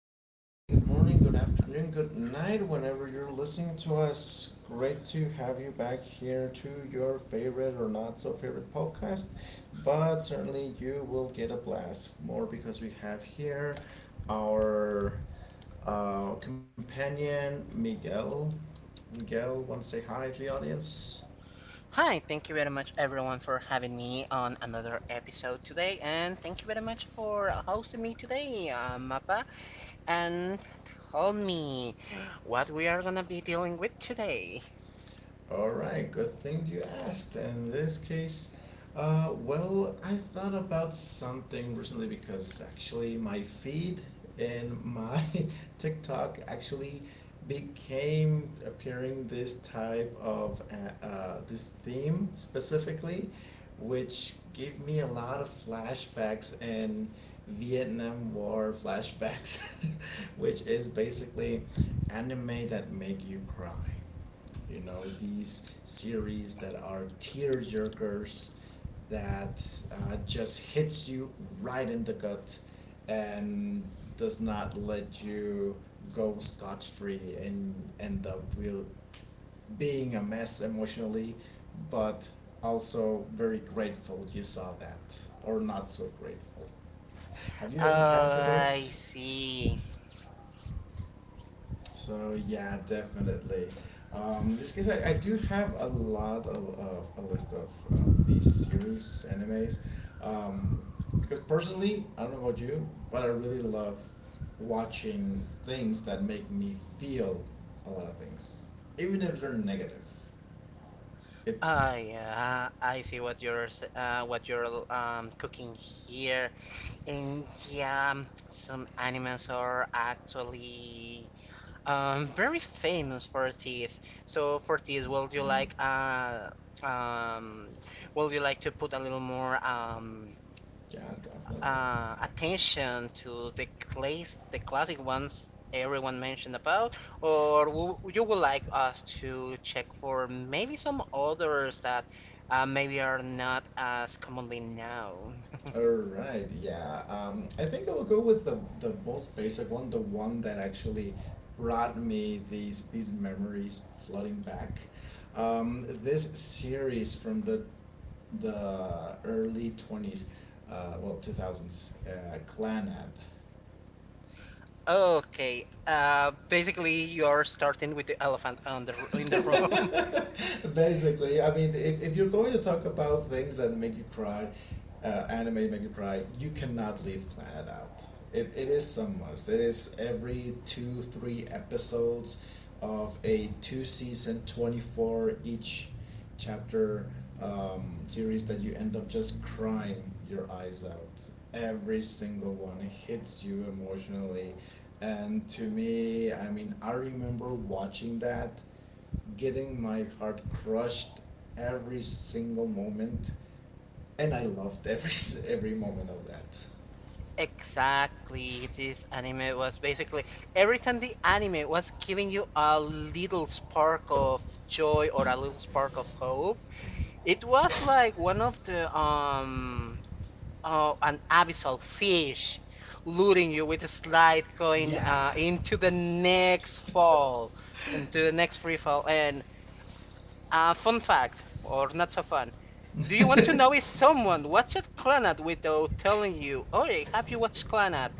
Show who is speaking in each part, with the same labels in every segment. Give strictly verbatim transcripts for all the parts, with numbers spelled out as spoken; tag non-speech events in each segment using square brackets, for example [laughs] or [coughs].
Speaker 1: Good day, good morning, good afternoon, good night, whenever you're listening to us. Great to have you back here to your favorite or not so favorite podcast, but certainly you will get a blast more because we have here our uh, companion Miguel. Miguel, want to say hi to the audience?
Speaker 2: Hi, thank you very much everyone for having me on another episode today, and thank you very much for hosting me today, uh, Mappa. And tell me what we are gonna be dealing with today.
Speaker 1: All right, good thing you asked. In this case, uh, well, I thought about something recently because actually my feed in my [laughs] TikTok actually became appearing this type of uh, uh, this theme specifically, which gave me a lot of flashbacks and Vietnam War flashbacks, [laughs] which is basically anime that make you cry, you know, these series that are tear jerkers that uh, just hits you right in the gut and does not let you go scotch free and end up will being a mess emotionally, but also very grateful you saw that or not so grateful. Have you ever
Speaker 2: Oh,
Speaker 1: encountered
Speaker 2: I
Speaker 1: those?
Speaker 2: see.
Speaker 1: So yeah, definitely. Um, in this case, I, I do have a lot of, of a list of, of these series animes, um, because personally, I don't know about you, but I really love watching things that make me feel a lot of things, even if they're negative.
Speaker 2: Oh
Speaker 1: It's
Speaker 2: yeah, I see what you're s- uh, what you're um, cooking here. And yeah, some animals are actually, Um, very famous for teas. So for teas, would you
Speaker 1: mm,
Speaker 2: like uh um would you like to put a little more um
Speaker 1: yeah, definitely.
Speaker 2: uh attention to the class the classic ones everyone mentioned about, or w you would like us to check for maybe some others that, uh, maybe are not as commonly known?
Speaker 1: All
Speaker 2: [laughs]
Speaker 1: right, yeah. Um, I think I'll go with the the most basic one, the one that actually brought me these these memories flooding back. Um, this series from the the early twenties, uh, well, two thousands, uh, Clanad.
Speaker 2: Okay, uh, basically you're starting with the elephant on the r- in the room.
Speaker 1: [laughs]
Speaker 2: [laughs]
Speaker 1: Basically, I mean, if, if you're going to talk about things that make you cry, uh, anime make you cry, you cannot leave Clannad out. It, it is some must. It is every two, three episodes of a two season, twenty-four each chapter um, series that you end up just crying your eyes out. Every single one hits you emotionally. And to me, I mean, I remember watching that, getting my heart crushed every single moment, and I loved every every moment of that.
Speaker 2: Exactly, this anime was basically, every time the anime was giving you a little spark of joy or a little spark of hope, it was like one of the um uh, an abyssal fish luring you with a slide going,
Speaker 1: Yeah.
Speaker 2: uh, into the next fall, into the next free fall. And uh, fun fact, or not so fun. Do you want to know if
Speaker 1: [laughs]
Speaker 2: someone watched Clannad without telling you? Oh, have you watched Clannad?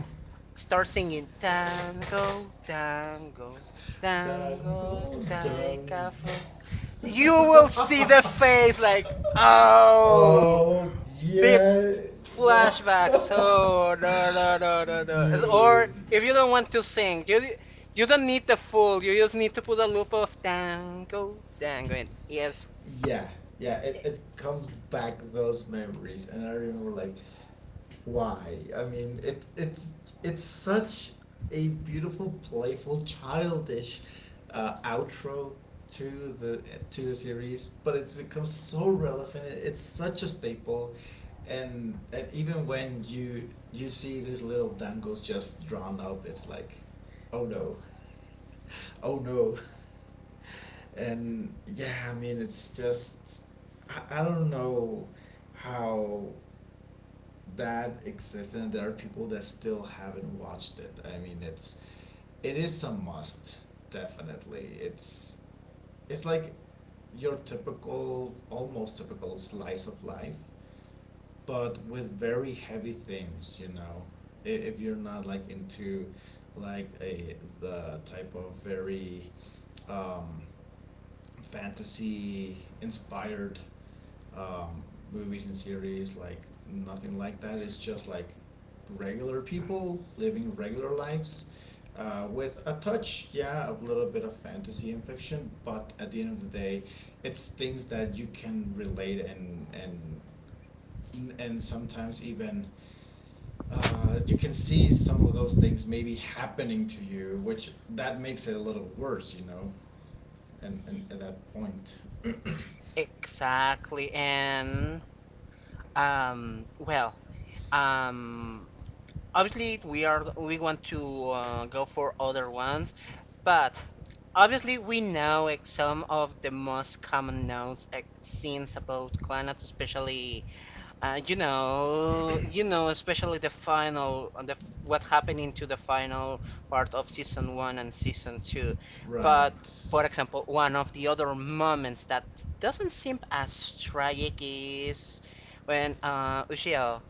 Speaker 2: Start singing tango, tango, tango,
Speaker 1: Dango, dango.
Speaker 2: taika fuck. You will see the face
Speaker 1: [laughs]
Speaker 2: like, oh,
Speaker 1: Oh
Speaker 2: bit
Speaker 1: yeah. What,
Speaker 2: flashbacks.
Speaker 1: [laughs]
Speaker 2: Oh, no, no, no, no, no.
Speaker 1: dude?
Speaker 2: Or if you don't want to sing, you you don't need the full. You just need to put a loop of tango, tango, and yes,
Speaker 1: Yeah, yeah. It, it comes back those memories, and I remember like, why? I mean, it it's it's such a beautiful, playful, childish uh, outro to the to the series, but it's become so relevant. It- It's such a staple, and and even when you you see these little dangles just drawn up, it's like, oh no, [laughs] oh no. And yeah, I mean, it's just i, I don't know how that exists and there are people that still haven't watched it. I mean, it's it is a must, definitely. It's it's like your typical, almost typical slice of life, but with very heavy themes. You know, I- if you're not like into like a the type of very um, fantasy inspired um, movies and series, like nothing like that, it's just like regular people living regular lives uh, with a touch, yeah, of a little bit of fantasy and fiction, but at the end of the day it's things that you can relate and and and sometimes even uh, you can see some of those things maybe happening to you, which that makes it a little worse, you know, and, and at that point. [clears throat]
Speaker 2: exactly. And um, well, um, obviously we are we want to uh, go for other ones. But obviously we know, like, some of the most common notes, like, scenes about Clannad, especially, uh, you know you know, especially the final uh, the what happened into the final part of season one and season two. But
Speaker 1: Right.
Speaker 2: for example, one of the other moments that doesn't seem as tragic is when, uh, Ushio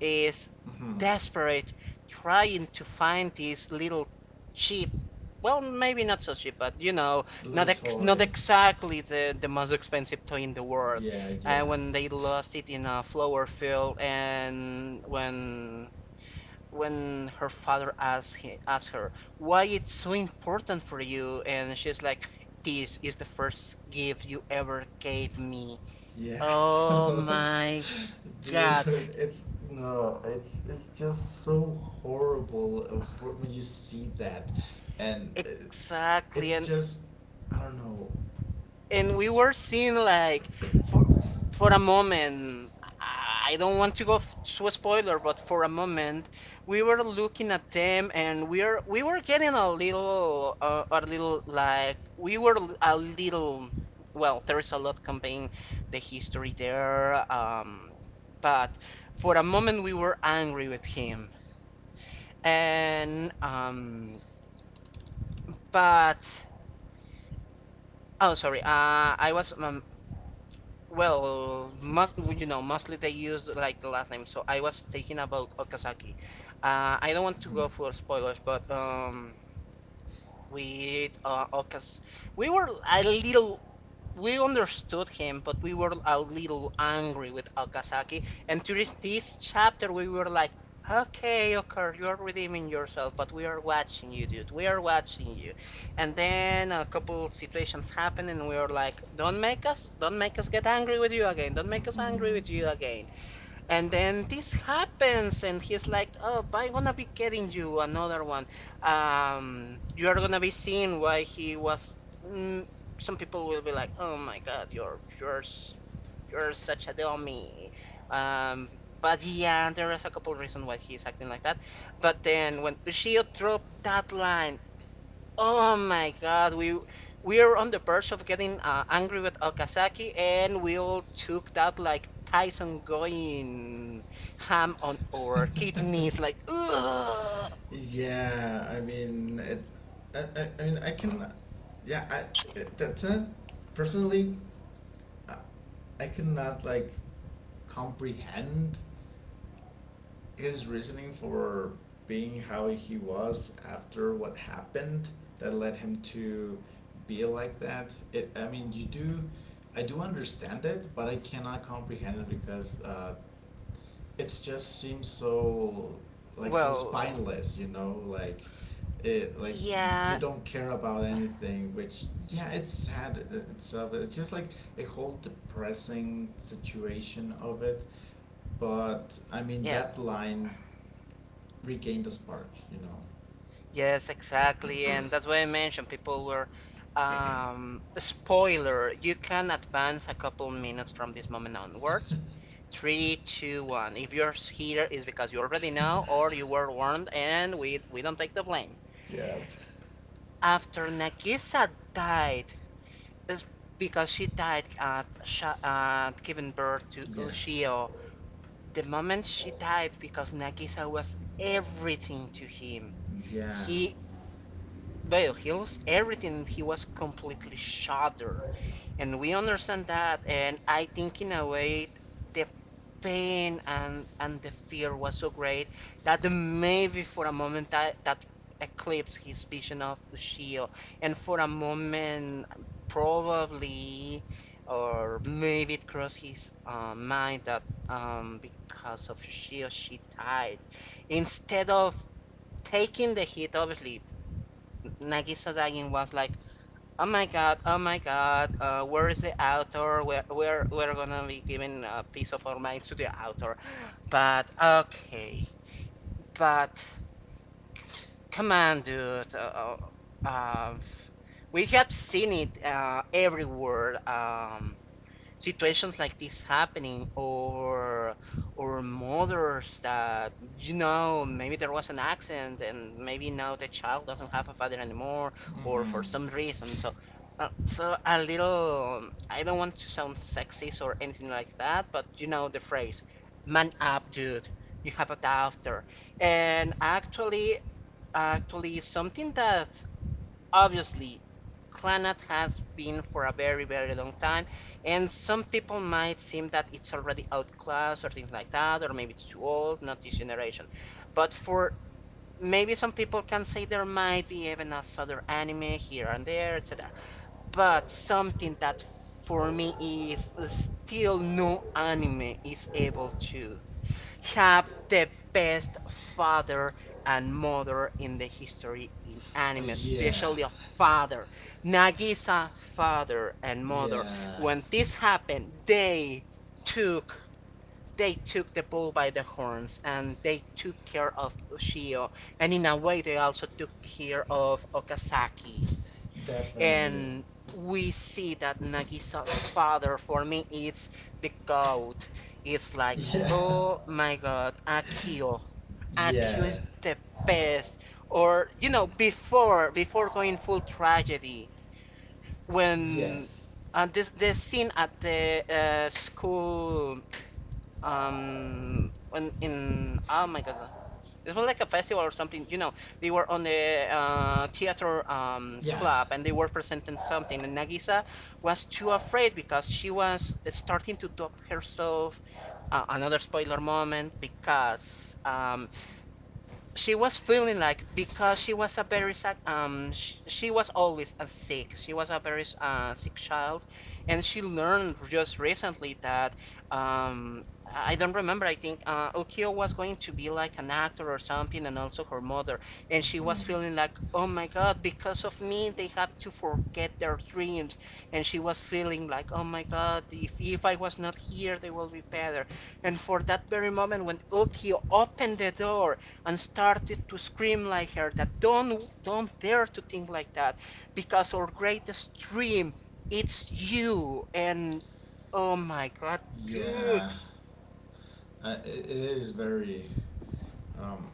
Speaker 2: is
Speaker 1: Hmm.
Speaker 2: desperate, trying to find these little cheap, well, maybe not so cheap, but you know not
Speaker 1: Little
Speaker 2: ex- not
Speaker 1: toy.
Speaker 2: exactly the, the most expensive toy in the world.
Speaker 1: Yeah,
Speaker 2: And, uh,
Speaker 1: yeah,
Speaker 2: when they lost it in a flower field. And when when her father asked, he, asked her, "Why it's so important for you?" And she's like, "This is the first gift you ever gave me."
Speaker 1: yeah.
Speaker 2: Oh
Speaker 1: [laughs]
Speaker 2: my God.
Speaker 1: Dude, it's no, it's it's just so horrible uh, wh- when you see that, and uh,
Speaker 2: Exactly.
Speaker 1: it's
Speaker 2: and
Speaker 1: just I don't know.
Speaker 2: and we were seeing, like, for for a moment — I don't want to go f- to a spoiler, but for a moment, we were looking at them, and we are we were getting a little, uh, a little, like, we were a little, well, there is a lot conveying the history there. Um but for a moment, we were angry with him. And um but, oh, sorry, uh I was um, Well, most, you know, mostly they use, like, the last name. So I was thinking about Okazaki. Uh, I don't want to go for spoilers, but, um, with, uh, Okaz, we were a little we understood him, but we were a little angry with Okazaki. And during this chapter, we were like, "Okay, Okar, you're redeeming yourself, but we are watching you, dude. We are watching you." And then a couple of situations happened, and we were like, don't make us, don't make us get angry with you again. Don't make us angry
Speaker 1: Hmm.
Speaker 2: with you again. And then this happens, and he's like, "Oh, but I'm gonna be getting you another one. Um, you are gonna be seeing why he was." Mm, some people will be like, "Oh my God, you're you're s- you're such a dummy." Um, but yeah, there is a couple reasons why he's acting like that. But then when Ushio dropped that line, oh my God, we we are on the verge of getting, uh, angry with Okazaki, and we all took that like Tyson going ham on our
Speaker 1: Hmm. [laughs]
Speaker 2: kidneys, like ugh.
Speaker 1: Yeah, I mean, it, I, I, I mean, I can, yeah, I, it- that's it. Personally, I, I cannot like comprehend his reasoning for being how he was after what happened that led him to be like that. It, I mean, you do, I do understand it, but I cannot comprehend it because uh, it just seems so like so
Speaker 2: Well,
Speaker 1: spineless, you know, like it like you
Speaker 2: yeah,
Speaker 1: don't care about anything, which yeah it's sad i- itself it's just like a whole depressing situation of it, but I mean
Speaker 2: yeah,
Speaker 1: that line regained the spark, you know
Speaker 2: yes, exactly, and that's why I mentioned people were. Um, spoiler: you can advance a couple minutes from this moment onwards. Three, two, one. If you're here, it's because you already know
Speaker 1: [laughs]
Speaker 2: or you were warned, and we we don't take the blame.
Speaker 1: Yeah,
Speaker 2: After Nagisa died, it's because she died at, sha- uh, giving birth to
Speaker 1: yeah,
Speaker 2: Ushio. The moment she died, because Nagisa was everything to him.
Speaker 1: yeah.
Speaker 2: He well, he lost everything. He was completely shattered, and we understand that. And I think in a way, the pain and and the fear was so great that maybe for a moment, that that eclipsed his vision of Ushio, and for a moment, probably, or maybe it crossed his, uh, mind that, um, because of Ushio she died instead of taking the hit. Obviously, Nagisa dying was like, oh my God, oh my God, uh, where is the author? We're, we're, we're gonna be giving a piece of our minds to the author. But, okay, but, come on, dude. Uh, uh, uh, we have seen it, uh, everywhere. Um, situations like this happening, or or mothers that, you know maybe there was an accident, and maybe now the child doesn't have a father anymore, or
Speaker 1: Mm-hmm.
Speaker 2: for some reason. So, uh, so a little — I don't want to sound sexist or anything like that, but you know the phrase, man up, dude. You have a daughter. And actually, actually something that, obviously, Clannad has been for a very, very long time, and some people might seem that it's already outclassed or things like that, or maybe it's too old, not this generation, but for — maybe some people can say there might be even a other anime here and there, etc., but something that for me is still, no anime is able to have the best father and mother in the history in
Speaker 1: Uh,
Speaker 2: anime,
Speaker 1: yeah.
Speaker 2: especially a father. Nagisa father and mother.
Speaker 1: Yeah,
Speaker 2: When this happened, they took, they took the bull by the horns, and they took care of Ushio, and in a way they also took care of Okazaki.
Speaker 1: definitely.
Speaker 2: And we see that Nagisa's father, for me, it's the goat. It's like,
Speaker 1: Yeah.
Speaker 2: oh my God, Akio.
Speaker 1: [laughs]
Speaker 2: Akio
Speaker 1: Yeah.
Speaker 2: is the best. Or you know, before before going full tragedy, when —
Speaker 1: Yes.
Speaker 2: and this this scene at the, uh, school, um when in oh my God, uh, it was like a festival or something you know They were on the, uh, theater, um,
Speaker 1: Yeah.
Speaker 2: club, and they were presenting something, and Nagisa was too afraid because she was starting to talk herself. Uh, another spoiler moment, because, um, she was feeling like, because she was a very sad, um she, she was always a sick, she was a very, uh, sick child, and she learned just recently that, um I don't remember, I think, uh, Okio was going to be like an actor or something, and also her mother. And she was feeling like, "Oh my God, because of me they have to forget their dreams." And she was feeling like, oh my God, if, if I was not here, they will be better. And for that very moment, when Okio opened the door and started to scream like her, that, don't don't dare to think like that, because our greatest dream, it's you. And oh my God,
Speaker 1: Yeah.
Speaker 2: dude.
Speaker 1: Uh, it, it is very. Um,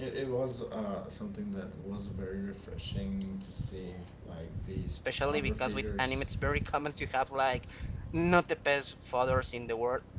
Speaker 1: it it was uh, something that was very refreshing to see, like these
Speaker 2: Especially
Speaker 1: father
Speaker 2: because with anime
Speaker 1: figures.
Speaker 2: it's very common to have, like, not the best fathers in the world. [coughs]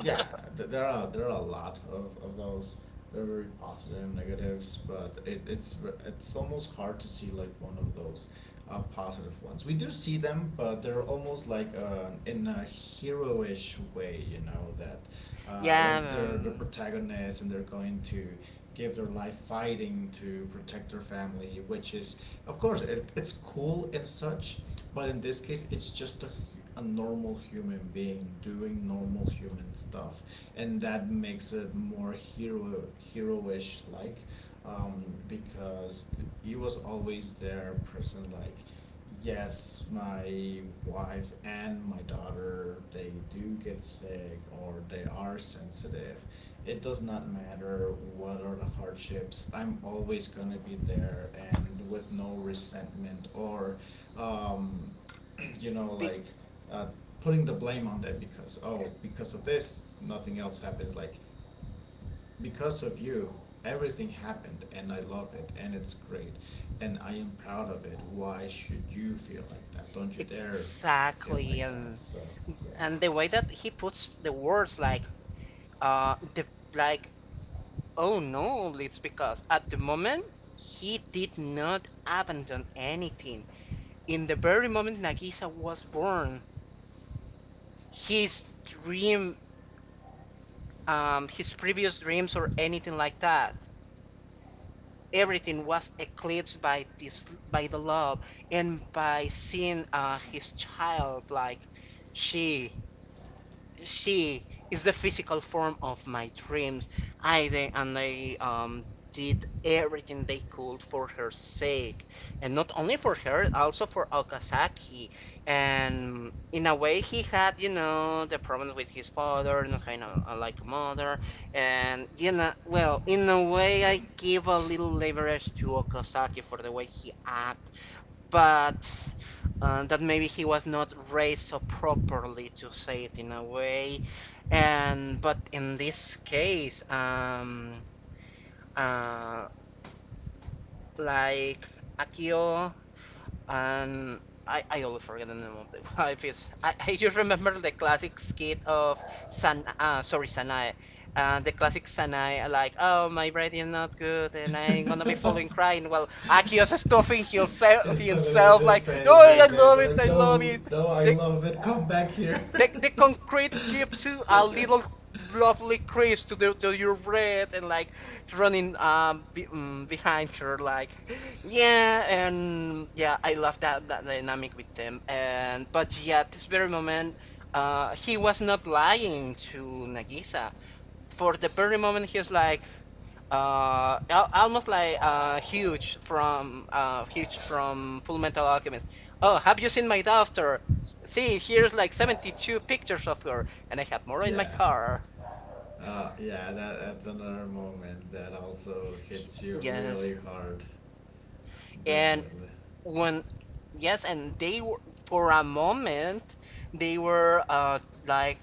Speaker 1: Yeah, th- there are there are a lot of, of those. They're very positive negatives, but it, it's ver- it's almost hard to see like one of those uh, positive ones. We do see them, but they're almost like uh, in a heroish way, you know, that uh,
Speaker 2: yeah.
Speaker 1: like they're the
Speaker 2: Um,
Speaker 1: protagonists and they're going to give their life fighting to protect their family, which is of course it, it's cool and such, but in this case, it's just a a normal human being doing normal human stuff, and that makes it more hero heroish like, um, because he was always there, present like. Yes, my wife and my daughter, they do get sick or they are sensitive. It does not matter what are the hardships. I'm always going to be there and with no resentment or um, [clears throat] you know, like uh, putting the blame on them because oh, because of this, nothing else happens. Like because of you, everything happened, and I love it, and it's great, and I am proud of it. Why should you feel like that? Don't you dare f- feel
Speaker 2: exactly.
Speaker 1: like that.
Speaker 2: and
Speaker 1: So yeah.
Speaker 2: and the way that he puts the words, like, uh the like oh no, it's because at the moment, he did not abandon anything. In the very moment Nagisa was born, his dream, um, his previous dreams or anything like that, everything was eclipsed by this, by the love, and by seeing, uh, his child, like, she she is the physical form of my dreams. I they, and I um, did everything they could for her sake, and not only for her, also for Okazaki. And in a way, he had, you know the problems with his father, not kind of, uh, like a mother. And, you know, well, in a way, I give a little leverage to Okazaki for the way he act, but, uh, that maybe he was not raised so properly, to say it in a way. And but in this case, um, uh, like Akio — and I, I always forget the name of the [laughs] wife is. I, I just remember the classic skit of San uh, sorry Sanae, uh, the classic Sanae, like, "Oh, my breath is not good, and I'm gonna be falling crying,"
Speaker 1: [laughs]
Speaker 2: while Akio's stuffing himself
Speaker 1: Esteban
Speaker 2: himself
Speaker 1: his
Speaker 2: like, "No,
Speaker 1: face
Speaker 2: I
Speaker 1: with it.
Speaker 2: love
Speaker 1: They're
Speaker 2: it,
Speaker 1: like,
Speaker 2: I love
Speaker 1: no,
Speaker 2: it."
Speaker 1: no, I
Speaker 2: The,
Speaker 1: love it. Come back here.
Speaker 2: the, the concrete
Speaker 1: [laughs]
Speaker 2: gives you a little lovely crisp to, the, to your breath, and like running, um, be, um behind her, like, yeah. And yeah, I love that, that dynamic with them. And but yeah, at this very moment, uh he was not lying to Nagisa, for the very moment he's like, uh al- almost like, uh huge from uh Huge from Full Metal Alchemist. Oh, have you seen my daughter? See, here's like seventy-two pictures of her, and I have more in my
Speaker 1: Yeah,
Speaker 2: car.
Speaker 1: uh, yeah, that, that's another moment that also
Speaker 2: He-
Speaker 1: hits you
Speaker 2: yes,
Speaker 1: really hard.
Speaker 2: and
Speaker 1: Definitely.
Speaker 2: when yes, and they were, for a moment, they were uh like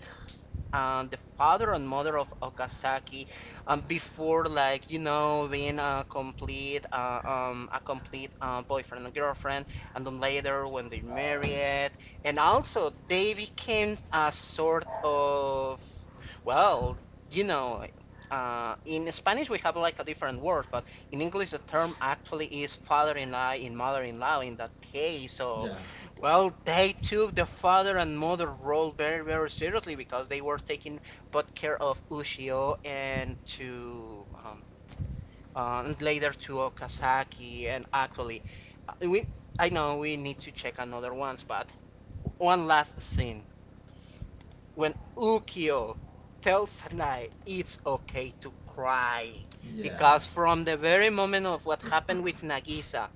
Speaker 2: um, the father and mother of Okazaki, um, before, like, you know being a complete uh, um, a complete uh, boyfriend and girlfriend, and then later when they married, and also they became a sort of, well, you know, uh, in Spanish we have like a different word, but in English the term actually is father-in-law in law and mother in law in that case. So
Speaker 1: Yeah.
Speaker 2: well, they took the father and mother role very, very seriously because they were taking both care of Ushio and to um, uh, and later to Okazaki. And actually, uh, we I know we need to check another ones, but one last scene, when Ukio tells Sanai it's okay to cry,
Speaker 1: Yeah.
Speaker 2: because from the very moment of what happened with Nagisa,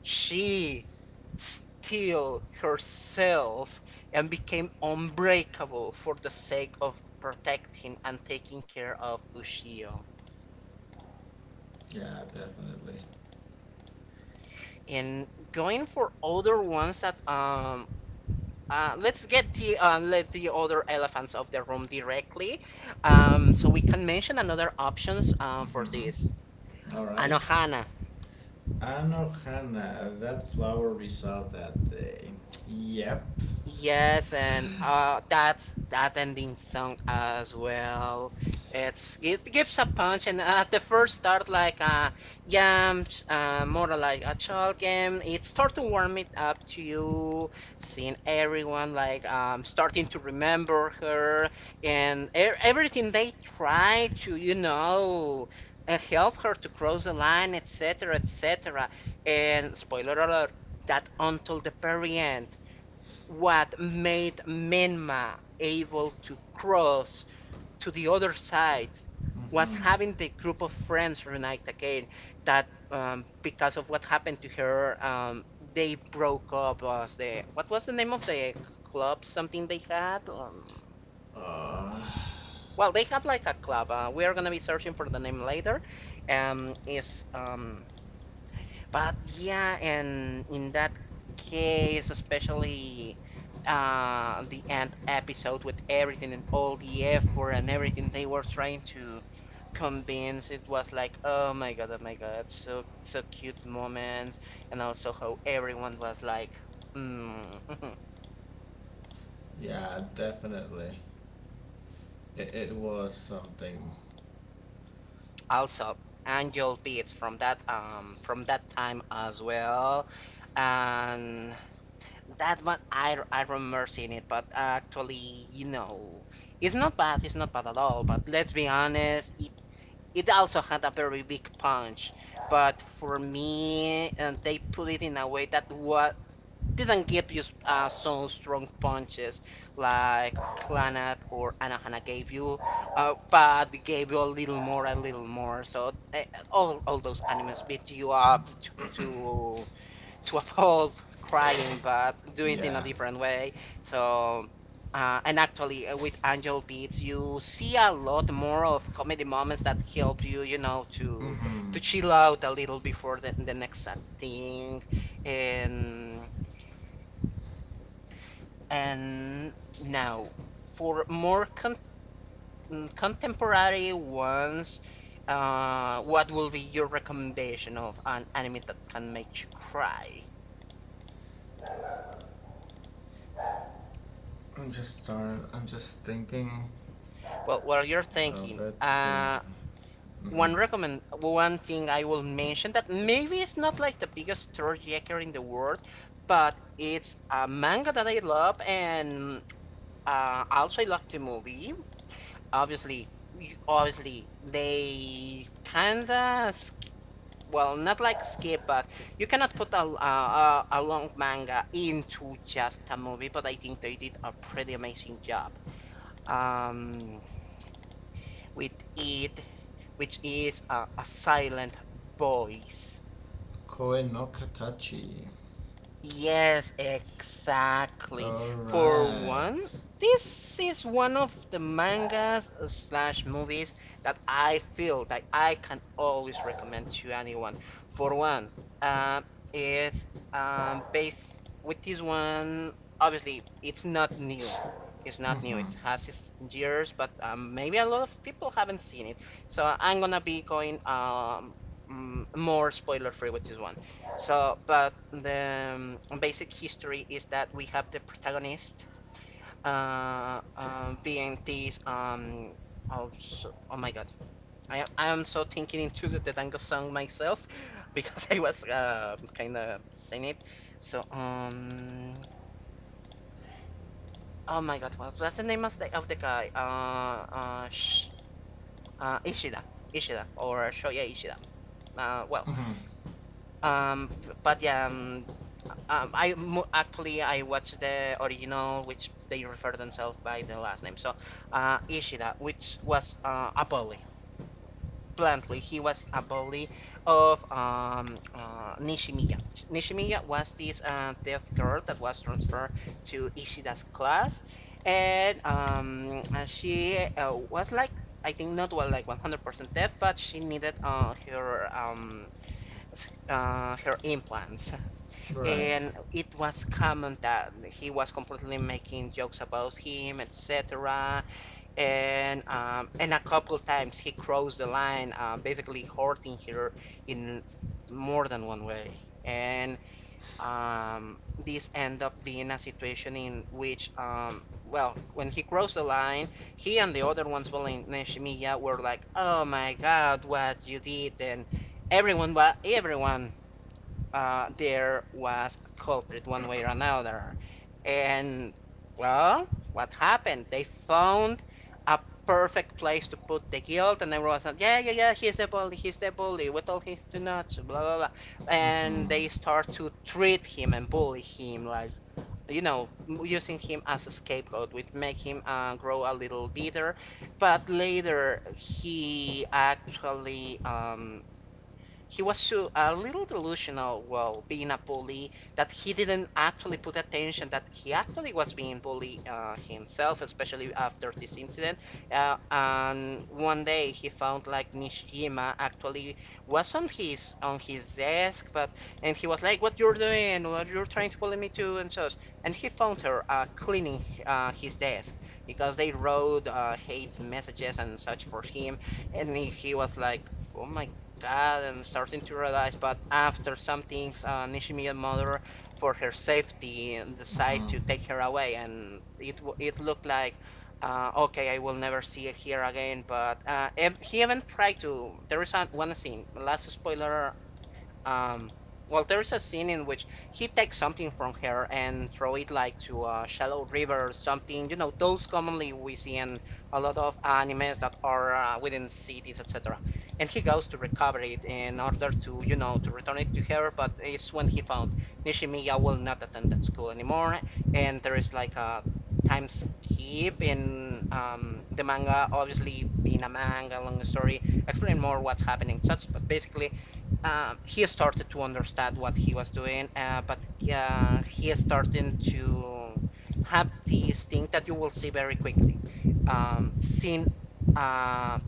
Speaker 2: she steeled herself and became unbreakable for the sake of protecting and taking care of Ushio.
Speaker 1: Yeah, definitely.
Speaker 2: And going for other ones, that um uh, let's get the uh, let the other elephants of the room directly, um so we can mention another options uh, for this.
Speaker 1: Mm-hmm. All right.
Speaker 2: Anohana.
Speaker 1: Anohana, that flower we saw that day. Yep.
Speaker 2: Yes, and
Speaker 1: [laughs]
Speaker 2: uh, that's that ending song as well. It's it gives a punch, and at the first start, like, uh, yeah, um, sh- uh, more like a child game. It starts to warm it up to you, seeing everyone like um starting to remember her, and e everything they try to you know. uh help her to cross the line, et cetera, et cetera. And spoiler alert, that until the very end, what made Menma able to cross to the other side was
Speaker 1: Mm-hmm.
Speaker 2: having the group of friends reunite again. That um, Because of what happened to her, um, they broke up. As the, what was the name of the club? Something they had. Um,
Speaker 1: Uh,
Speaker 2: well, they have like a club. Uh, we are gonna be searching for the name later. Um, is um, But yeah, and in that case, especially uh, the end episode, with everything and all the effort and everything they were trying to convince, it was like, oh my god, oh my god, so so cute moment. And also how everyone was like, mm. [laughs]
Speaker 1: yeah, definitely. It, it was something.
Speaker 2: Also, Angel Beats from that um from that time as well. And that one, I, I remember seeing it, but actually, you know, it's not bad, it's not bad at all. But let's be honest, it, it also had a very big punch. But for me, and they put it in a way that what didn't give you uh, so strong punches like Clannad or Anahana gave you, uh, but gave you a little more, a little more. So uh, all, all those animes beat you up to, to to uphold [laughs] crying, but do it in a
Speaker 1: Yeah.
Speaker 2: different way. So, uh, and actually, uh, with Angel Beats, you see a lot more of comedy moments that help you, you know, to
Speaker 1: Mm-hmm.
Speaker 2: to chill out a little before the, the next sad thing. And and now For more con- mm, contemporary ones, Uh, what will be your recommendation of an anime that can make you cry?
Speaker 1: I'm just starting. I'm just thinking.
Speaker 2: Well, while you're thinking,
Speaker 1: Alright. Uh,
Speaker 2: uh,
Speaker 1: mm-hmm.
Speaker 2: one recommend, one thing I will mention that maybe it's not like the biggest storyteller in the world, but it's a manga that I love, and uh, also I love the movie. Obviously, you- obviously they kinda sk- well, not like skip, but you cannot put a, a a long manga into just a movie. But I think they did a pretty amazing job. Um, with it, which is uh, a silent voice.
Speaker 1: Koe no katachi.
Speaker 2: Yes, exactly. For one,
Speaker 1: Alright.
Speaker 2: this is one of the mangas slash movies that I feel that I can always recommend to anyone. For one, uh, it's um, based with this one. Obviously, it's not new. It's not new.
Speaker 1: Mm-hmm.
Speaker 2: It has its years, but um, maybe a lot of people haven't seen it. So I'm gonna be going um, mm, more spoiler free with this one. So, but the um, basic history is that we have the protagonist, uh, uh, being this, um oh so, oh my god, I I am so thinking into the Dango song myself [laughs] because I was uh, kind of singing it. So um oh my god, what was the name of the of the guy, uh uh, sh- uh Ishida. Ishida or Shoya Ishida. Uh, well,
Speaker 1: Mm-hmm.
Speaker 2: um, but yeah, um, Um, I mo- actually I watched the original, which they refer themselves by the last name. So, uh, Ishida, which was uh, a bully. Bluntly, he was a bully of um, uh, Nishimiya. Nishimiya was this uh, deaf girl that was transferred to Ishida's class, and um, uh, she uh, was like. I think, not well, like one hundred percent deaf, but she needed uh, her um, s- uh, her implants.
Speaker 1: Right.
Speaker 2: And it was common that he was completely making jokes about him, et cetera. And um, and a couple times he crossed the line, uh, basically hurting her in more than one way. And um, this end up being a situation in which, um, well, when he crossed the line, he and the other ones, well, in Neshimiya, were like, "Oh my God, what you did!" And everyone, wa- everyone, uh, there was a culprit one way or another. And well, what happened? They found a perfect place to put the guilt, and everyone said, "Yeah, yeah, yeah, he's the bully, he's the bully. We told him to not." Blah blah blah, and
Speaker 1: Mm-hmm.
Speaker 2: they start to treat him and bully him like. You know, using him as a scapegoat, which make him uh, grow a little bitter, but later he actually, um, he was so a little delusional while being a bully that he didn't actually put attention that he actually was being bullied uh, himself, especially after this incident. Uh, and one day he found like Nishijima actually was on his on his desk, but, and he was like, "What you're doing? What you're trying to bully me to?" and so. And he found her uh, cleaning uh, his desk because they wrote uh, hate messages and such for him. And he he was like, "Oh my God," and starting to realize. But after some things, uh, Nishimiya's mother, for her safety, decide
Speaker 1: Mm-hmm.
Speaker 2: to take her away, and it w- it looked like, uh, okay, I will never see her again. But uh, ev- he even tried to. There is an, one scene, last spoiler, um, well, there's a scene in which he takes something from her and throw it like to a shallow river or something. You know, those commonly we see in a lot of animes that are uh, within cities, et cetera. And he goes to recover it in order to, you know, to return it to her. But it's when he found Nishimiya will not attend that school anymore, and there is like a time skip in um, the manga. Obviously, in a manga, long story, explain more what's happening, such. But basically, uh, he started to understand what he was doing, uh, but uh, he is starting to have this thing that you will see very quickly. Um, seeing uh,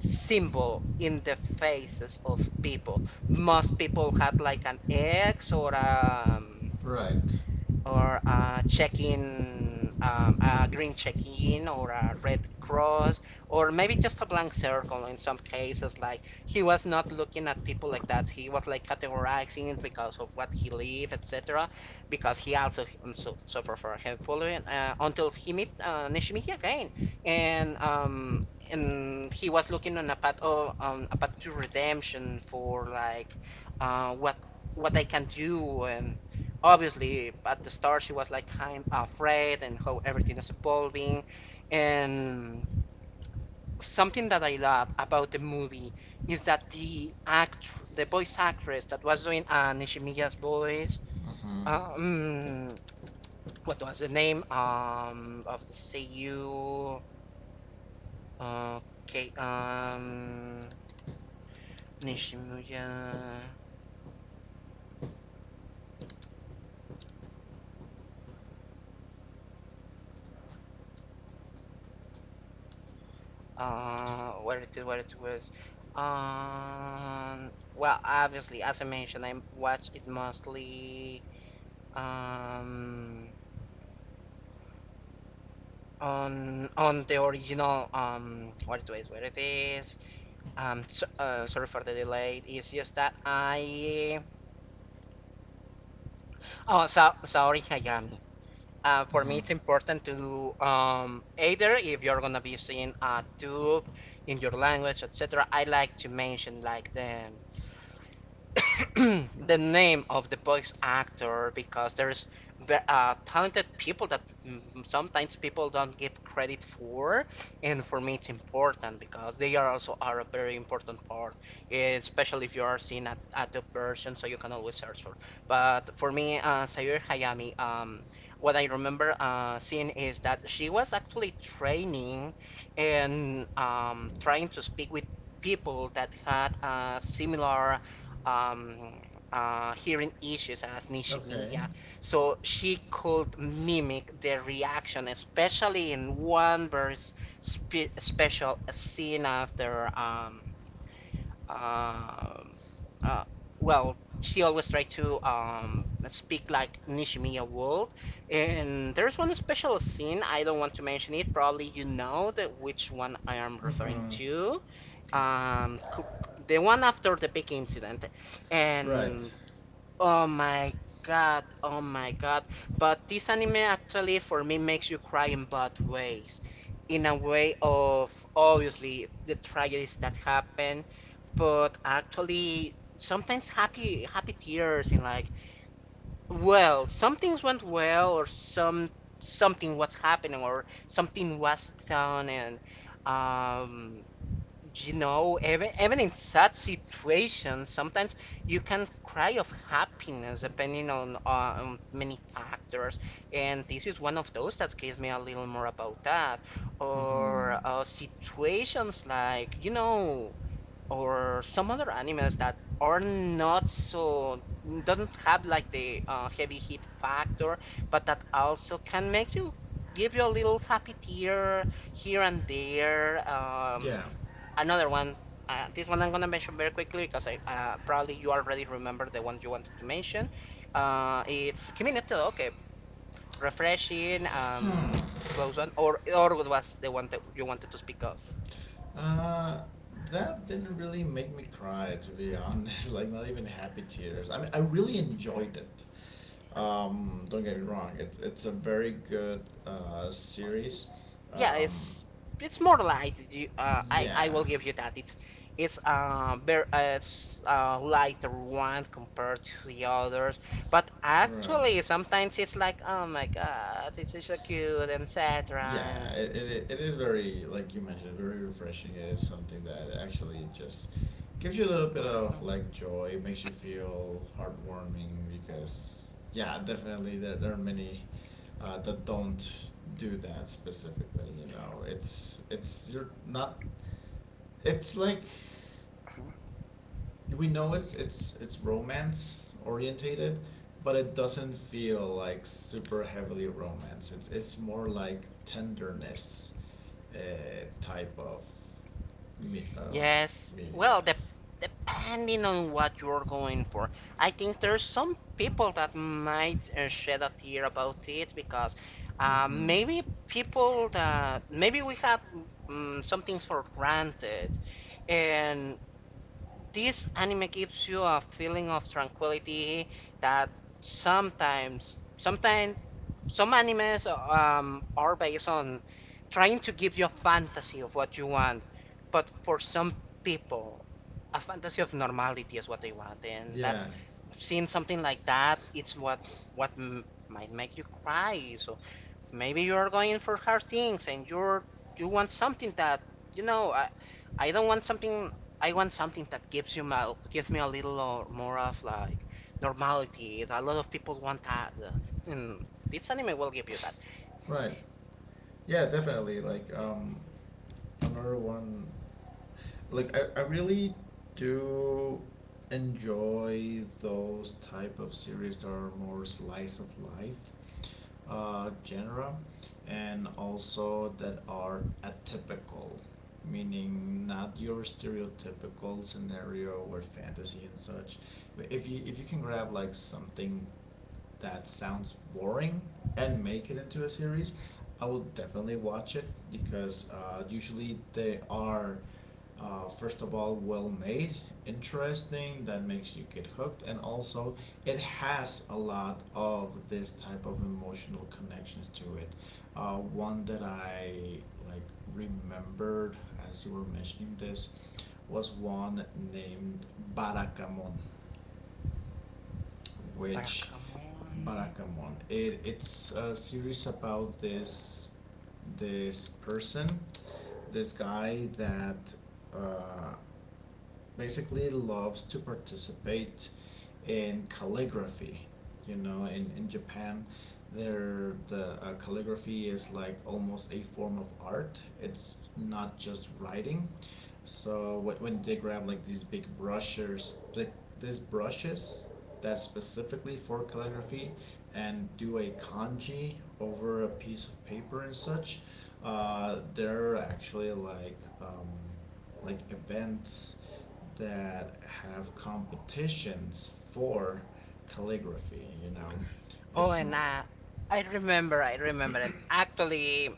Speaker 2: symbol in the faces of people. Most people had like an X or a um,
Speaker 1: Right.
Speaker 2: or a check-in, um, a green check-in, or a red cross, or maybe just a blank circle in some cases. Like he was not looking at people like that. He was like categorizing it because of what he lived, et cetera. Because he also um, su- suffered from head pollution uh, until he met uh, Nishimichi again. and um. And he was looking on a path of um, a path to redemption for like, uh, what what I can do. And obviously at the start she was like kind of afraid and how everything is evolving. And something that I love about the movie is that the act the voice actress that was doing uh, Nishimiya's voice,
Speaker 1: Mm-hmm. Mm-hmm.
Speaker 2: um what was the name um of the C U, okay, um Nishimiya. Uh, where it is, where it was. Um, well, obviously, as I mentioned, I watch it mostly um on on the original, um where it is, where it is. Um, so, uh, sorry for the delay. It's just that I Oh so sorry, Hayami. Uh, for me, it's important to um either if you're gonna be seeing a tube in your language, et cetera I like to mention like the [coughs] [clears throat] the name of the voice actor because there's uh, talented people that mm, sometimes people don't give credit for, and for me it's important because they are also are a very important part, eh, especially if you are seeing at adult version, so you can always search for. But for me, uh, Sayuri Hayami, um, what I remember uh, seeing is that she was actually training and um, trying to speak with people that had a similar um, uh, hearing issues as
Speaker 1: Okay.
Speaker 2: Nishimiya. So she could mimic their reaction, especially in one very spe- special scene after. Um, um uh, well, she always tried to um, speak like Nishimiya would. And there's one special scene, I don't want to mention it, probably you know that which one I am referring
Speaker 1: Mm-hmm.
Speaker 2: to um the one after the big incident,
Speaker 1: Right.
Speaker 2: and oh my god, oh my god. But this anime actually for me makes you cry in both ways, in a way of obviously the tragedies that happen, but actually sometimes happy happy tears, in like, well, some things went well, or some something was happening or something was done. And um you know even even in such situations, sometimes you can cry of happiness depending on on many factors, and this is one of those that gives me a little more about that.
Speaker 1: Mm-hmm.
Speaker 2: Or uh, situations like you know, or some other animals that are not so, doesn't have like the uh, heavy hit factor, but that also can make you, give you a little happy tear here and there um,
Speaker 1: Yeah.
Speaker 2: Another one. Uh, this one I'm gonna mention very quickly because I, uh, probably you already remember the one you wanted to mention. Uh, it's Kimi no. Okay, refreshing.
Speaker 1: Huh.
Speaker 2: Um, close one, or or what was the one that you wanted to speak of?
Speaker 1: Uh, that didn't really make me cry, to be honest. [laughs] Like, not even happy tears. I mean, I really enjoyed it. Um, don't get me wrong. It's it's a very good uh, series.
Speaker 2: Yeah,
Speaker 1: Um,
Speaker 2: it's it's more light. You, uh, I I
Speaker 1: yeah.
Speaker 2: will give you that. It's it's uh, very uh, it's a lighter one compared to the others. But
Speaker 1: Right.
Speaker 2: actually, sometimes it's like, oh my god, it's so cute, et cetera.
Speaker 1: Yeah, it,
Speaker 2: And
Speaker 1: it, it is very, like you mentioned, very refreshing. It is something that actually just gives you a little bit of like joy. It makes you feel heartwarming because, yeah, definitely there, there are many uh, that don't do that specifically, you know. It's, it's, you're not, it's like we know it's it's it's romance orientated, but it doesn't feel like super heavily romance. It's it's more like tenderness uh, type of me, of
Speaker 2: yes.
Speaker 1: media.
Speaker 2: Well, dep depending on what you're going for, I think there's some people that might uh, shed a tear about it because, uh,
Speaker 1: Mm-hmm.
Speaker 2: maybe people that maybe we have mm some things for granted, and this anime gives you a feeling of tranquility that sometimes sometimes some animes um, are based on trying to give you a fantasy of what you want. But for some people, a fantasy of normality is what they want, and that's,
Speaker 1: Yeah.
Speaker 2: seeing something like that, it's what, what m- might make you cry. So maybe you're going for hard things, and you're, you want something that, you know, I I don't want something, I want something that gives you my, gives me a little uh, more of like normality. A lot of people want that, uh, and this anime will give you that.
Speaker 1: Right. Yeah, definitely. Like um, another one. Like I, I really do enjoy those type of series that are more slice of life. Uh, genera, and also that are atypical, meaning not your stereotypical scenario with fantasy and such. But if you if you can grab like something that sounds boring and make it into a series, I will definitely watch it because uh, usually they are, uh, first of all, well made, interesting, that makes you get hooked, and also it has a lot of this type of emotional connections to it. Uh, one that I like remembered as you were mentioning this was one named Barakamon,
Speaker 2: But uh,
Speaker 1: which
Speaker 2: come on.
Speaker 1: Barakamon. It, it's a series about this this person, this guy that uh, basically loves to participate in calligraphy. You know, in, in Japan, there the uh, calligraphy is like almost a form of art. It's not just writing. So when, when they grab like these big brushes, like these brushes that's specifically for calligraphy, and do a kanji over a piece of paper and such, uh, they're actually like um, like events that have competitions for calligraphy, you know.
Speaker 2: Oh,
Speaker 1: it's n-
Speaker 2: and uh, I remember, I remember, and actually,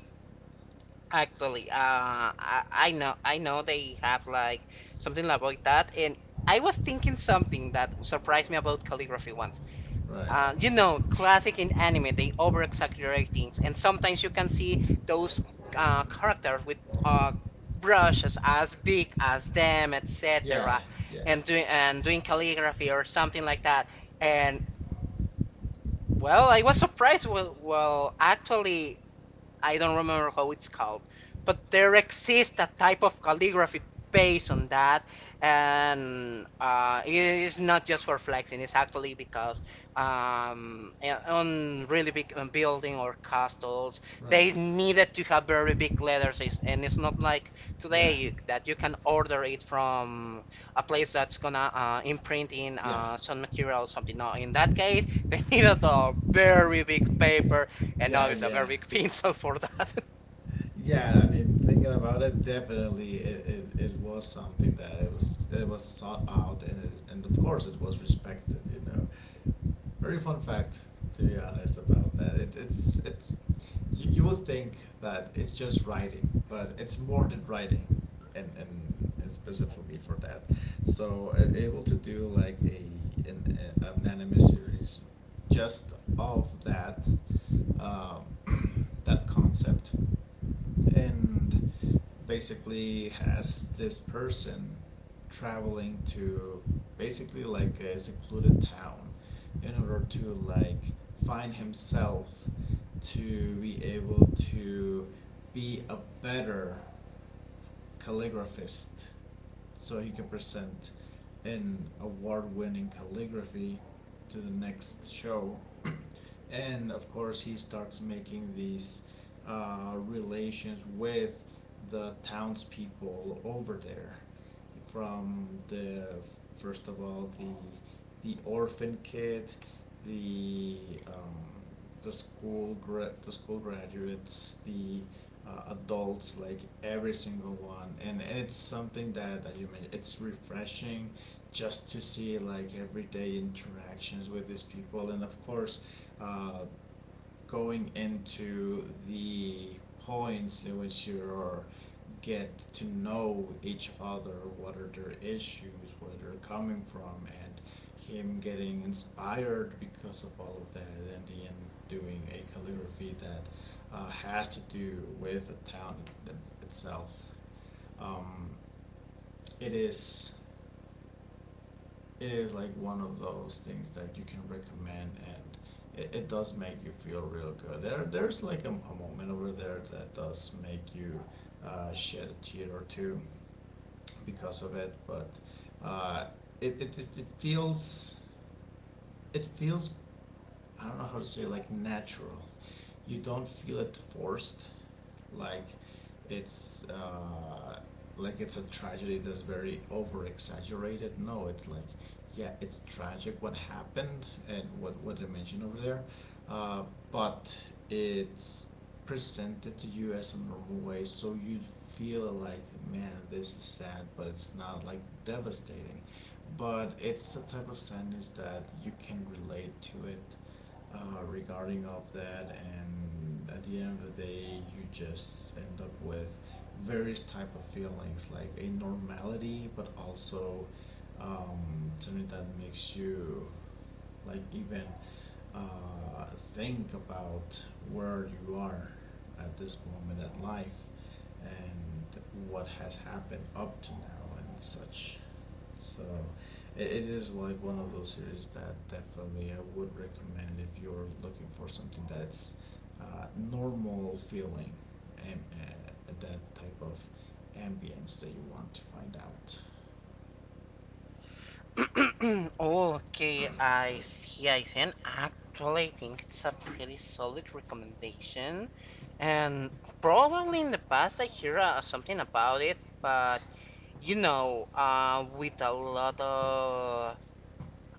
Speaker 2: actually, uh, I, I know, I know they have like something like that, and I was thinking something that surprised me about calligraphy once.
Speaker 1: right.
Speaker 2: Uh, you know, classic in anime, they over exaggerate things, and sometimes you can see those uh, characters with uh, brushes as big as them,
Speaker 1: Yeah.
Speaker 2: et cetera,
Speaker 1: Yeah.
Speaker 2: and doing and doing calligraphy or something like that. And, well, I was surprised. Well, well, actually, I don't remember how it's called, but there exists a type of calligraphy based on that, and uh, it is not just for flexing. It's actually because, um, eh, on really big um, building or castles,
Speaker 1: Right.
Speaker 2: they needed to have very big letters, and it's not like
Speaker 1: Yeah.
Speaker 2: today that you can order it from a place that's gonna uh, imprint in
Speaker 1: Yeah.
Speaker 2: uh, some material or something. No, in that case, [laughs] they needed a very big paper, and now
Speaker 1: Yeah,
Speaker 2: it's a
Speaker 1: yeah.
Speaker 2: very painful for that.
Speaker 1: Yeah, I mean, thinking about it, definitely it it, it was something that it was it was sought out and it, and of course it was respected, you know. Very fun fact, to be honest about that. It, it's it's you, you would think that it's just writing, but it's more than writing, and and, and specifically for that. So uh, able to do like a an, a- an anime series just of that um, [clears throat] that concept, and basically has this person traveling to basically like a secluded town in order to like find himself to be able to be a better calligraphist, so he can present an award-winning calligraphy to the next show. [clears throat] And of course, he starts making these uh, relations with the townspeople over there from the first of all the the orphan kid, the um, the school gra- the school graduates, the uh, adults, like every single one. And it's something that, as you mentioned, it's refreshing just to see like everyday interactions with these people. And of course, uh, going into the points in which you get to know each other, what are their issues, where they're coming from, and him getting inspired because of all of that, and at the end doing a calligraphy that uh, has to do with the town it- it, itself. Um, it is it is like one of those things that you can recommend, and it, it does make you feel real good. There there's like a, a moment over there that does make you uh, shed a tear or two because of it. But uh, it, it, it, it feels, it feels I don't know how to say, like natural. You don't feel it forced, like it's uh, like it's a tragedy that's very over exaggerated. No, it's like, yeah, it's tragic what happened and what what they mentioned over there, uh, but it's presented to you as a normal way, so you feel like, man, this is sad, but it's not like devastating. But it's a type of sadness that you can relate to it uh, regarding of that. And at the end of the day, you just end up with various type of feelings, like a normality, but also um, something that makes you, like, even uh, think about where you are at this moment in life and what has happened up to now and such. So it, it is like one of those series that definitely I would recommend if you're looking for something that's uh, normal feeling, and uh, that type of ambience that you want to find out.
Speaker 2: [laughs] [clears throat] Okay, I see, I see. And actually, I think it's a pretty solid recommendation. And probably in the past, I hear uh, something about it, but, you know, uh, with a lot of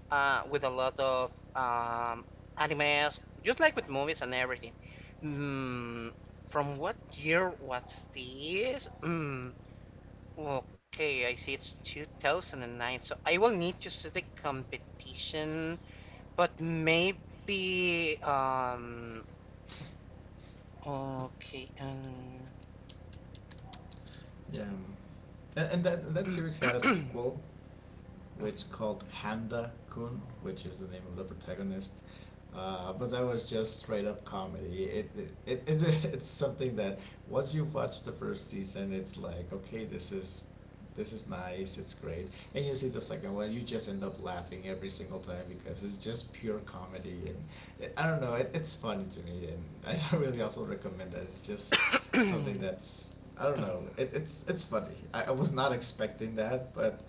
Speaker 2: uh, with a lot of um, animes, just like with movies and everything. Mm, from what year was this? Mm, okay, I see it's two thousand nine, so I will need to see the competition, but maybe um okay um
Speaker 1: Yeah, um, and, and that that series had a sequel,
Speaker 2: [coughs] [clears throat]
Speaker 1: which called Handa Kun, which is the name of the protagonist. Uh, but that was just straight up comedy. It, it, it, [laughs] it it's something that once you've watched the first season, it's like, okay, this is this is nice, it's great. And you see the second one, you just end up laughing every single time because it's just pure comedy. And I don't know, it, it's funny to me. And I [laughs] really also recommend that. It's just something that's, I don't know, it, it's, it's funny. I, I was not expecting that, but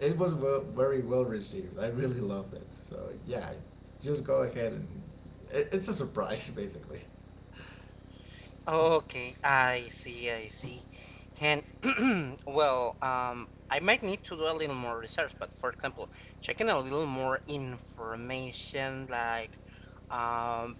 Speaker 1: it was, well, very well received. I really loved it. So yeah, just go ahead. And it, it's a surprise basically.
Speaker 2: okay, I see, I see. And [coughs] [clears throat] well, um I might need to do a little more research, but for example, checking a little more information like um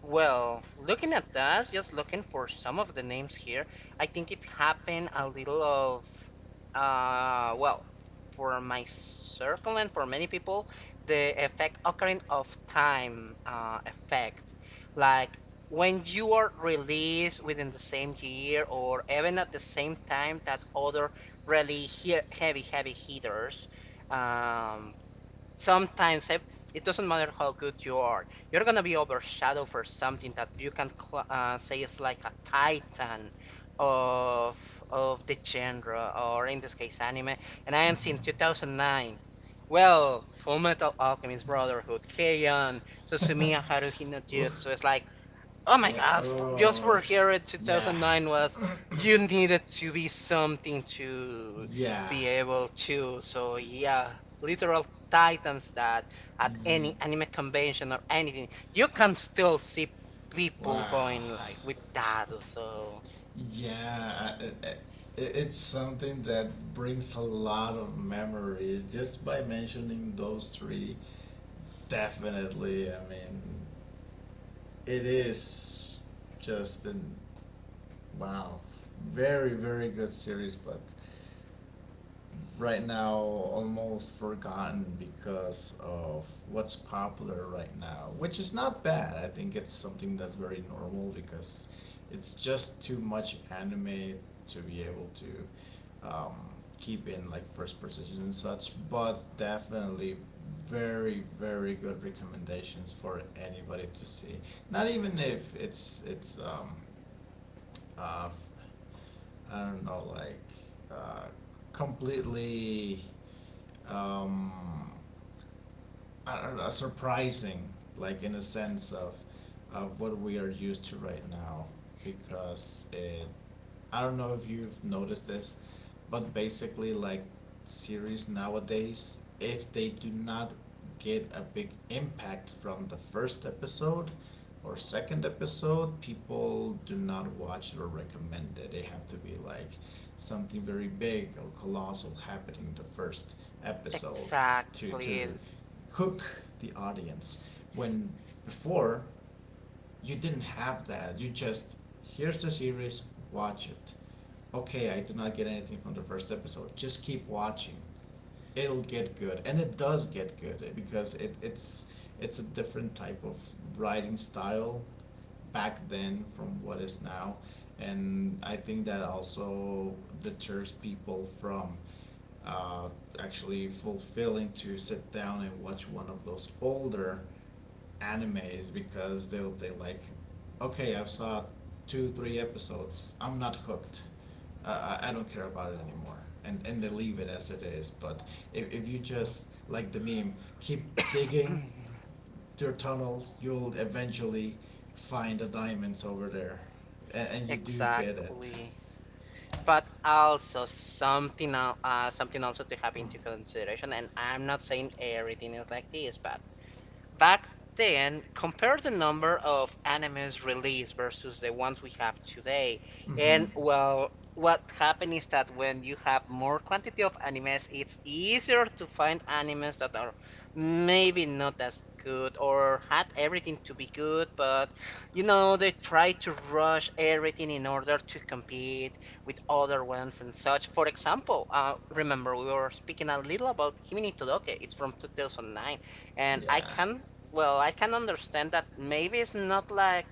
Speaker 2: Well, looking at that, just looking for some of the names here, I think it happened a little of, uh, well, for my circle and for many people, the effect occurring of time uh, effect. Like, when you are released within the same year or even at the same time that other really he heavy, heavy hitters. Um, Sometimes I, it doesn't matter how good you are, you're gonna be overshadowed for something that you can cl- uh, say is like a titan of of the genre, or in this case, anime. And I am seeing two thousand nine. Well, full metal alchemist brotherhood, K-On!, susumiya
Speaker 1: [laughs]
Speaker 2: haruhi no
Speaker 1: Oof.
Speaker 2: jutsu. It's like, oh my
Speaker 1: Yeah.
Speaker 2: god, for- just
Speaker 1: Oh,
Speaker 2: for here in
Speaker 1: yeah.
Speaker 2: two thousand nine was,
Speaker 1: [coughs]
Speaker 2: you needed to be something to,
Speaker 1: [clears throat] Yeah.
Speaker 2: be able to. So yeah, literal titans that at
Speaker 1: Ye-
Speaker 2: any anime convention or anything, you can still see people
Speaker 1: Wow.
Speaker 2: going like with that. So
Speaker 1: Yeah, I- I- i- it's something that brings a lot of memories just by mentioning those three. Definitely, I mean, it is just an, wow, very, very good series, but right now almost forgotten because of what's popular right now, which is not bad. I think it's something that's very normal because it's just too much anime to be able to um, keep in like first position and such. But definitely very, very good recommendations for anybody to see. Not even if it's it's um, uh, I don't know, like uh, completely, um, I don't know, surprising, like in a sense of of what we are used to right now, because it I don't know if you've noticed this, but basically, like, series nowadays, if they do not get a big impact from the first episode or second episode, people do not watch it or recommend it. They have to be like something very big or colossal happening the first episode to
Speaker 2: exactly.
Speaker 1: to hook the audience. When before, you didn't have that. You just, here's the series, watch it. Okay, I do not get anything from the first episode. Just keep watching. It'll get good, and it does get good eh, because it, it's it's a different type of writing style back then from what is now, and I think that also deters people from uh, actually fulfilling to sit down and watch one of those older anime, is because they they like, okay, I've saw two three episodes, I'm not hooked, uh, I I don't care about it anymore, and and they leave it as it is. But if if you just like the meme, keep digging
Speaker 2: [coughs]
Speaker 1: your tunnel, you'll eventually find the diamonds over there, and, and you do get it.
Speaker 2: Exactly. But also something else, uh, something also to have into consideration, and I'm not saying everything is like this, but back then, compare the number of animes released versus the ones we have today.
Speaker 1: Mm-hmm.
Speaker 2: And, well, what happened is that when you have more quantity of animes, it's easier to find animes that are maybe not as good or had everything to be good, but, you know, they try to rush everything in order to compete with other ones and such. For example, uh, remember we were speaking a little about Kimi ni Todoke. It's from two thousand nine, and I
Speaker 1: Yeah.
Speaker 2: can, well, I can understand that maybe it's not like,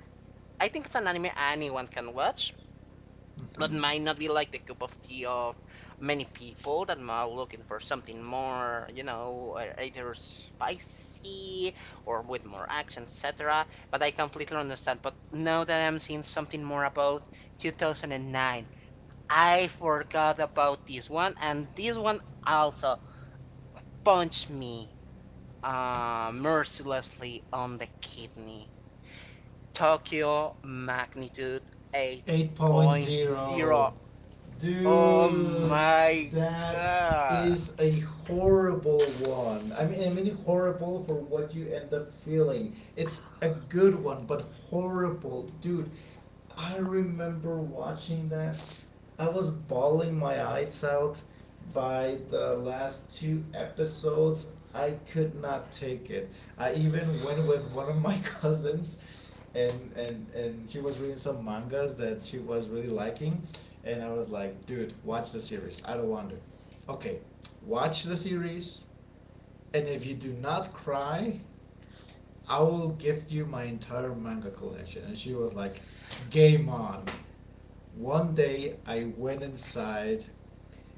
Speaker 2: I think it's an anime anyone can watch, but might
Speaker 1: Hmm.
Speaker 2: not be like the cup of tea of many people that are looking for something more, you know, uh, either spicy or with more action, et cetera. But I completely understand. But now that I'm seeing something more about two thousand nine, I forgot about this one, and this one also punched me uh, mercilessly on the kidney. Tokyo magnitude eight point
Speaker 1: 8.0.
Speaker 2: zero. Oh
Speaker 1: Dude,
Speaker 2: my
Speaker 1: that
Speaker 2: god.
Speaker 1: is a horrible one. I mean, I mean horrible for what you end up feeling. It's a good one, but horrible. Dude, I remember watching that, I was bawling my eyes out by the last two episodes. I could not take it. I even went with one of my [laughs] cousins, and and and she was reading some mangas that she was really liking, and I was like, dude, watch the series. I don't want to. Okay, watch the series, and if you do not cry, I will gift you my entire manga collection. And she was like, game on. One day I went inside.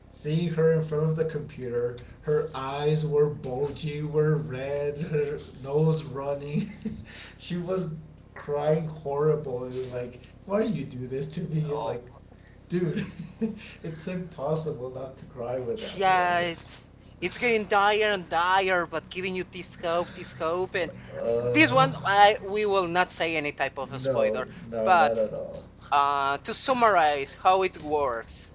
Speaker 1: Seeing her in front of the computer, her eyes were bulgy, were red, her nose running. [laughs] She was crying horrible. It was like, why do you do this to me? It's
Speaker 2: Oh,
Speaker 1: like, dude, [laughs] it's impossible not to cry with that
Speaker 2: yeah,
Speaker 1: one.
Speaker 2: it,
Speaker 1: [laughs]
Speaker 2: it's getting dire and dire, but giving you this hope, this hope. And this
Speaker 1: Uh,
Speaker 2: one, I, we will not say any type of a
Speaker 1: no,
Speaker 2: spoiler,
Speaker 1: no, not
Speaker 2: but,
Speaker 1: at all.
Speaker 2: uh, to
Speaker 1: [laughs]
Speaker 2: summarize how it works,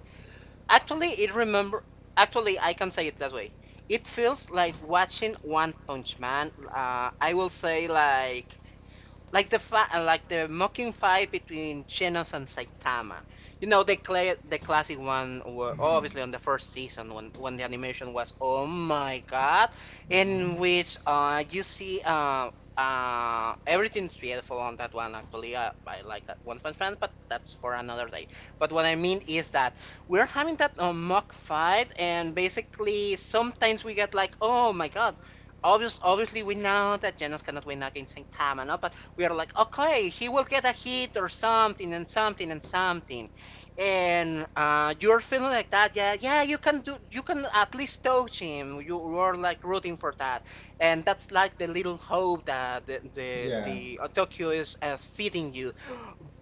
Speaker 2: actually, it remember, actually, I can say it that way. It feels like watching One Punch Man. Uh, I will say like like the fa- uh, like the mocking fight between Genos and Saitama. You know the cla- the classic one, were
Speaker 1: Hmm.
Speaker 2: obviously on the first season, when when the animation was oh my god, in
Speaker 1: Hmm.
Speaker 2: which uh you see uh. Uh, everything's beautiful on that one, actually, uh, by like, uh, One Punch Man, but that's for another day. But what I mean is that we're having that uh, mock fight, and basically sometimes we get like, oh my god, obvious, obviously we know that Genos cannot win against Saitama, no? But we are like, okay, he will get a hit or something, and something and something, and uh, you're feeling like that. Yeah, yeah, you can do, you can at least touch him. You were like rooting for that, and that's like the little hope that the the,
Speaker 1: Yeah.
Speaker 2: the uh, Tokyo is as feeding you.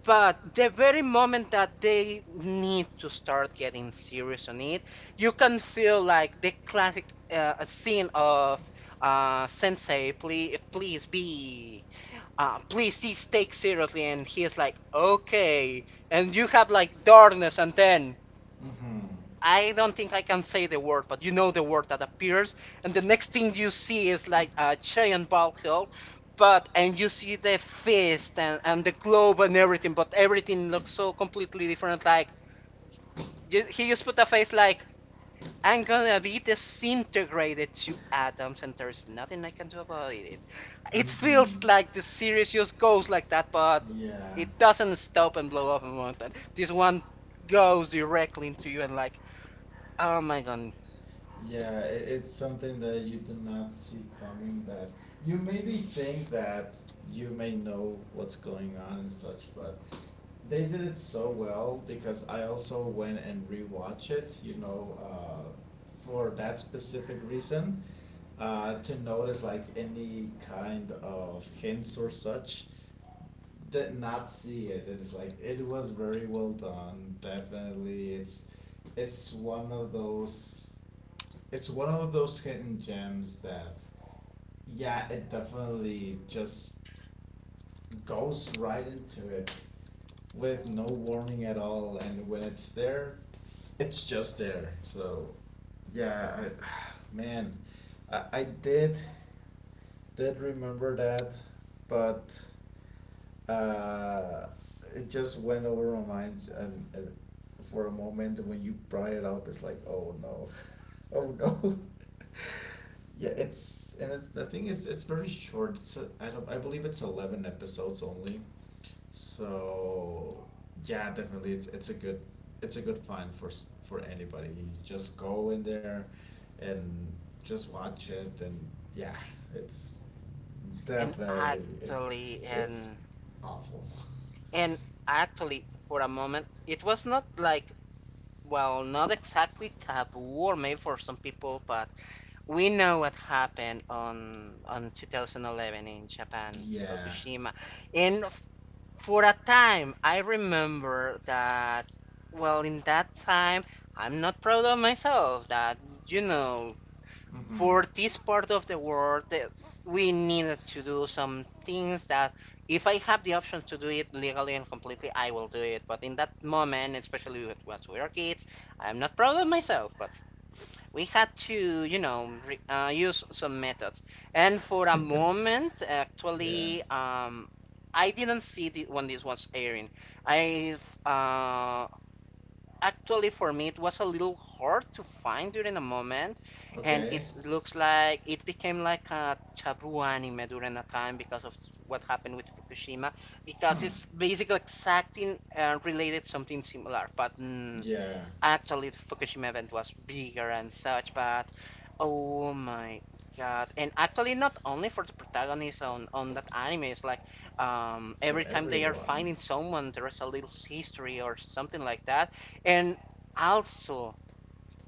Speaker 2: But the very moment that they need to start getting serious on it, you can feel like the classic uh, scene of uh, Sensei, please, please be, uh, please this take seriously, and he's like okay, and you have like darkness, and then,
Speaker 1: Mhm.
Speaker 2: I don't think I can say the word, but you know the word that appears, and the next thing you see is like a giant ball held, but, and you see the fist, and, and the globe and everything, but everything looks so completely different, like he just put a face like, I'm gonna be disintegrated to atoms, and there's nothing I can do about it. It feels
Speaker 1: Mhm.
Speaker 2: like the series just goes like that, but
Speaker 1: Yeah.
Speaker 2: it doesn't stop and blow up a mountain. This one goes directly into you, and like, oh my god.
Speaker 1: Yeah, it, it's something that you do not see coming, that you maybe think that you may know what's going on and such, but they did it so well because I also went and rewatched it, you know, uh, for that specific reason, uh, to notice like any kind of hints or such. Did not see it. It is like it was very well done. Definitely, it's it's one of those, it's one of those hidden gems that, yeah, it definitely just goes right into it with no warning at all. And when it's there, it's just there. So yeah, I, [sighs] man, I, I did did remember that, but uh, it just went over my mind, and, and for a moment when you brought it up, it's like, oh no, [laughs] oh no. [laughs] Yeah, it's and it's, the thing is, it's very short. It's a, I don't I believe it's eleven episodes only, so yeah, definitely it's it's a good, it's a good find for s- for anybody. You just go in there, and just watch it, and yeah, it's,
Speaker 2: And
Speaker 1: definitely, it's
Speaker 2: actually,
Speaker 1: it's
Speaker 2: and
Speaker 1: awful.
Speaker 2: and actually, for a moment, it was not like, well, not exactly taboo, or maybe for some people, but we know what happened on on twenty eleven in Japan,
Speaker 1: Yeah.
Speaker 2: Fukushima, and f- for a time I remember that. Well, in that time, I'm not proud of myself that, you know,
Speaker 1: Mm-hmm.
Speaker 2: for this part of the world, that we needed to do some things that, if I have the option to do it legally and completely, I will do it. But in that moment, especially with, once we are kids, I'm not proud of myself, but we had to, you know, re uh, use some methods. And for a
Speaker 1: [laughs]
Speaker 2: moment,
Speaker 1: Yeah.
Speaker 2: actually, um, I didn't see the, when this was airing. I uh, Actually, for me, it was a little hard to find during a moment, and
Speaker 1: Okay.
Speaker 2: it looks like it became like a taboo anime during a time because of what happened with Fukushima, because
Speaker 1: Hmm.
Speaker 2: it's basically exacting uh, related something similar, but. Mm,
Speaker 1: Yeah.
Speaker 2: Actually, the Fukushima event was bigger and such, but oh my god! And actually, not only for the protagonists on on that anime, it's like um,
Speaker 1: For
Speaker 2: every time they are
Speaker 1: everyone.
Speaker 2: finding someone, there is a little history or something like that, and also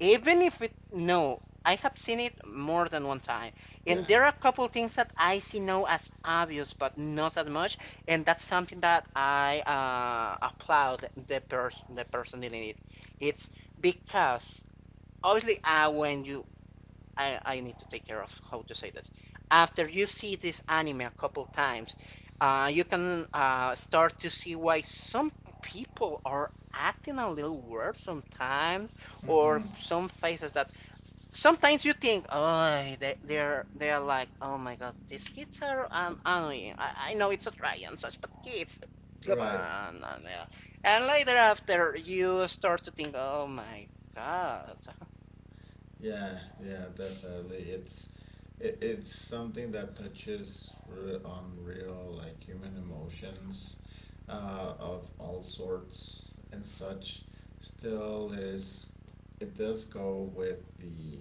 Speaker 2: even if it no I have seen it more than one time,
Speaker 1: Yeah.
Speaker 2: and there are a couple things that I see now as obvious but not that much. And that's something that I uh, applaud the person the person doing it. It's because obviously uh, when you— I, I need to take care of how to say that. After you see this anime a couple times, uh, you can uh, start to see why some people are acting a little weird sometimes,
Speaker 1: Mm-hmm.
Speaker 2: or some faces that sometimes you think, oh, they, they're they're like, oh my god, these kids are um, annoying. I, I know it's a try and such, but kids, come
Speaker 1: Right.
Speaker 2: on, and, uh, and later after you start to think, oh my god.
Speaker 1: Yeah, yeah, definitely. It's it, it's something that touches re- on real like human emotions uh, of all sorts and such. Still is, it does go with the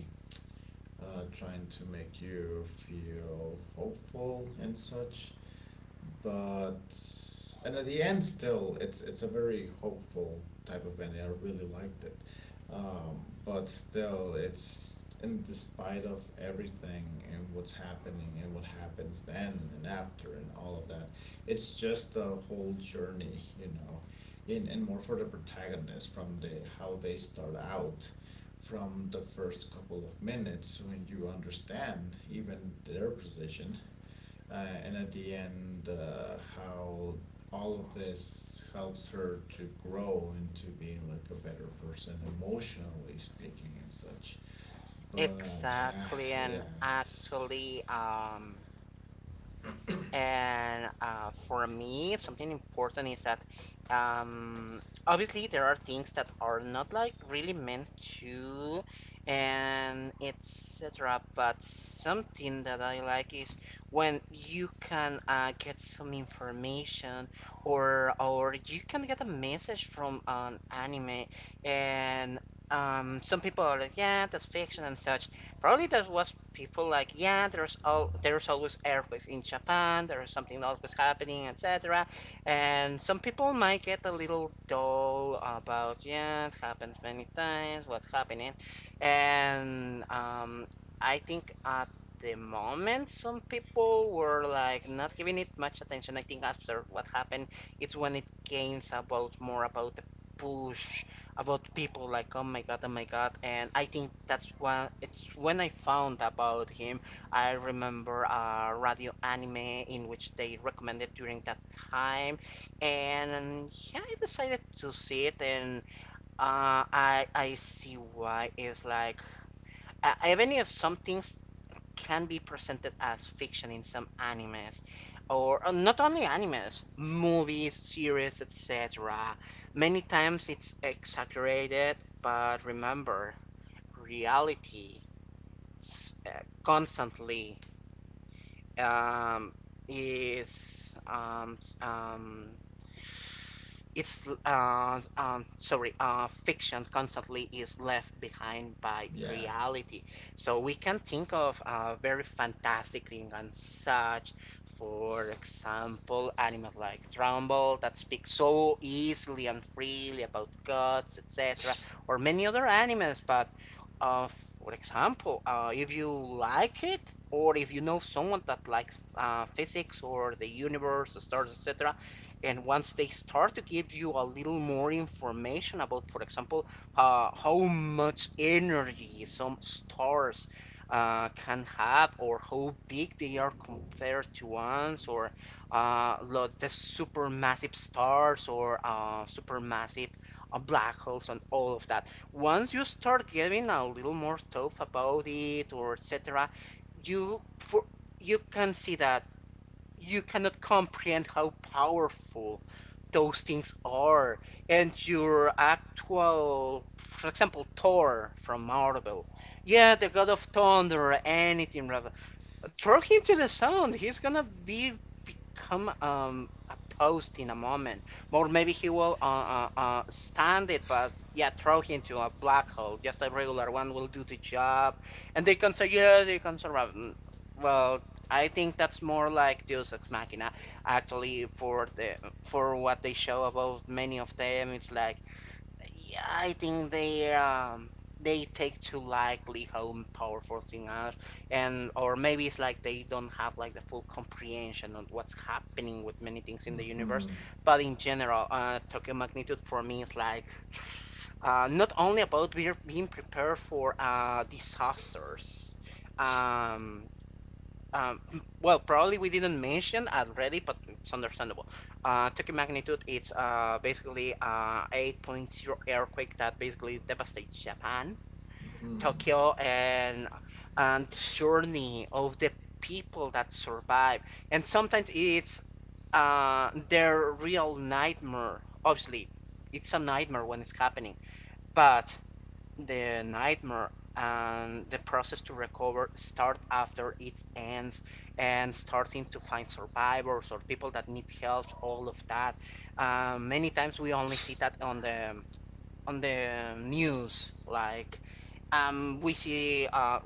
Speaker 1: uh, trying to make you feel hopeful and such, but and at the end still it's it's a very hopeful type of ending, I really liked it. Um, but still, it's in despite of everything and what's happening and what happens then and after and all of that, it's just a whole journey, you know, in and more for the protagonist, from the how they start out, from the first couple of minutes when you understand even their position, uh, and at the end, uh, how all of this helps her to grow into being like a better person emotionally speaking and such. But
Speaker 2: Exactly,
Speaker 1: yeah,
Speaker 2: and
Speaker 1: yeah, it's,
Speaker 2: actually, um, and uh, for me, something important is that, um, obviously there are things that are not like really meant to, and et cetera. But something that I like is when you can uh, get some information, or or you can get a message from an anime, and um, some people are like, yeah, that's fiction and such. Probably there was people like, yeah, there's all there's always earthquakes in Japan. There's something always happening, et cetera. And some people might get a little dull about, yeah, it happens many times. What's happening? And um, I think at the moment, some people were like not giving it much attention. I think after what happened, it's when it gains about more about the push about people like, oh my god, oh my god. And I think that's when it's when I found about him. I remember a radio anime in which they recommended during that time, and yeah, I decided to see it, and uh, I i see why it's like uh, even if some things can be presented as fiction in some animes, or uh, not only animes, movies, series, et cetera. Many times it's exaggerated, but remember, reality uh, constantly um, is um, s- um, it's uh, um, sorry uh, fiction constantly is left behind by
Speaker 1: yeah.
Speaker 2: reality. So we can think of uh, very fantastic thing and such, for example animals like Trumbull that speak so easily and freely about gods, etc., or many other animals. But uh, for example, uh, if you like it, or if you know someone that likes uh, physics or the universe, the stars, et cetera, and once they start to give you a little more information about, for example, uh, how much energy some stars uh, can have, or how big they are compared to us, or uh, lo- the supermassive stars, or uh, supermassive uh, black holes, and all of that. Once you start getting a little more tough about it or etc, you for you can see that you cannot comprehend how powerful those things are. And your actual, for example, Thor from Marvel, yeah, the god of thunder or anything, rather, throw him to the sound. He's gonna be— become um a toast in a moment, or maybe he will uh, uh, uh stand it. But yeah, throw him to a black hole. Just a regular one will do the job, and they can say, yeah, they can survive. Mm, Well, I think that's more like Deus Ex Machina. Actually, for the for what they show about many of them, it's like yeah, I think they um they take too lightly how powerful things are, and or maybe it's like they don't have like the full comprehension of what's happening with many things in the universe.
Speaker 1: Mhm.
Speaker 2: But in general, uh, Tokyo Magnitude for me is like uh, not only about be being prepared for uh, disasters. Um, um, [laughs] well, probably we didn't mention already, but it's understandable. Uh, Tokyo magnitude, it's uh, basically uh, 8.0 earthquake that basically devastates Japan,
Speaker 1: Mhm.
Speaker 2: Tokyo, and and the journey of the people that survive. And sometimes it's uh, their real nightmare. Obviously, it's a nightmare when it's happening, but the nightmare and the process to recover start after it ends, and starting to find survivors or people that need help, all of that. Um, many times we only see that on the on the news like um, we see, uh,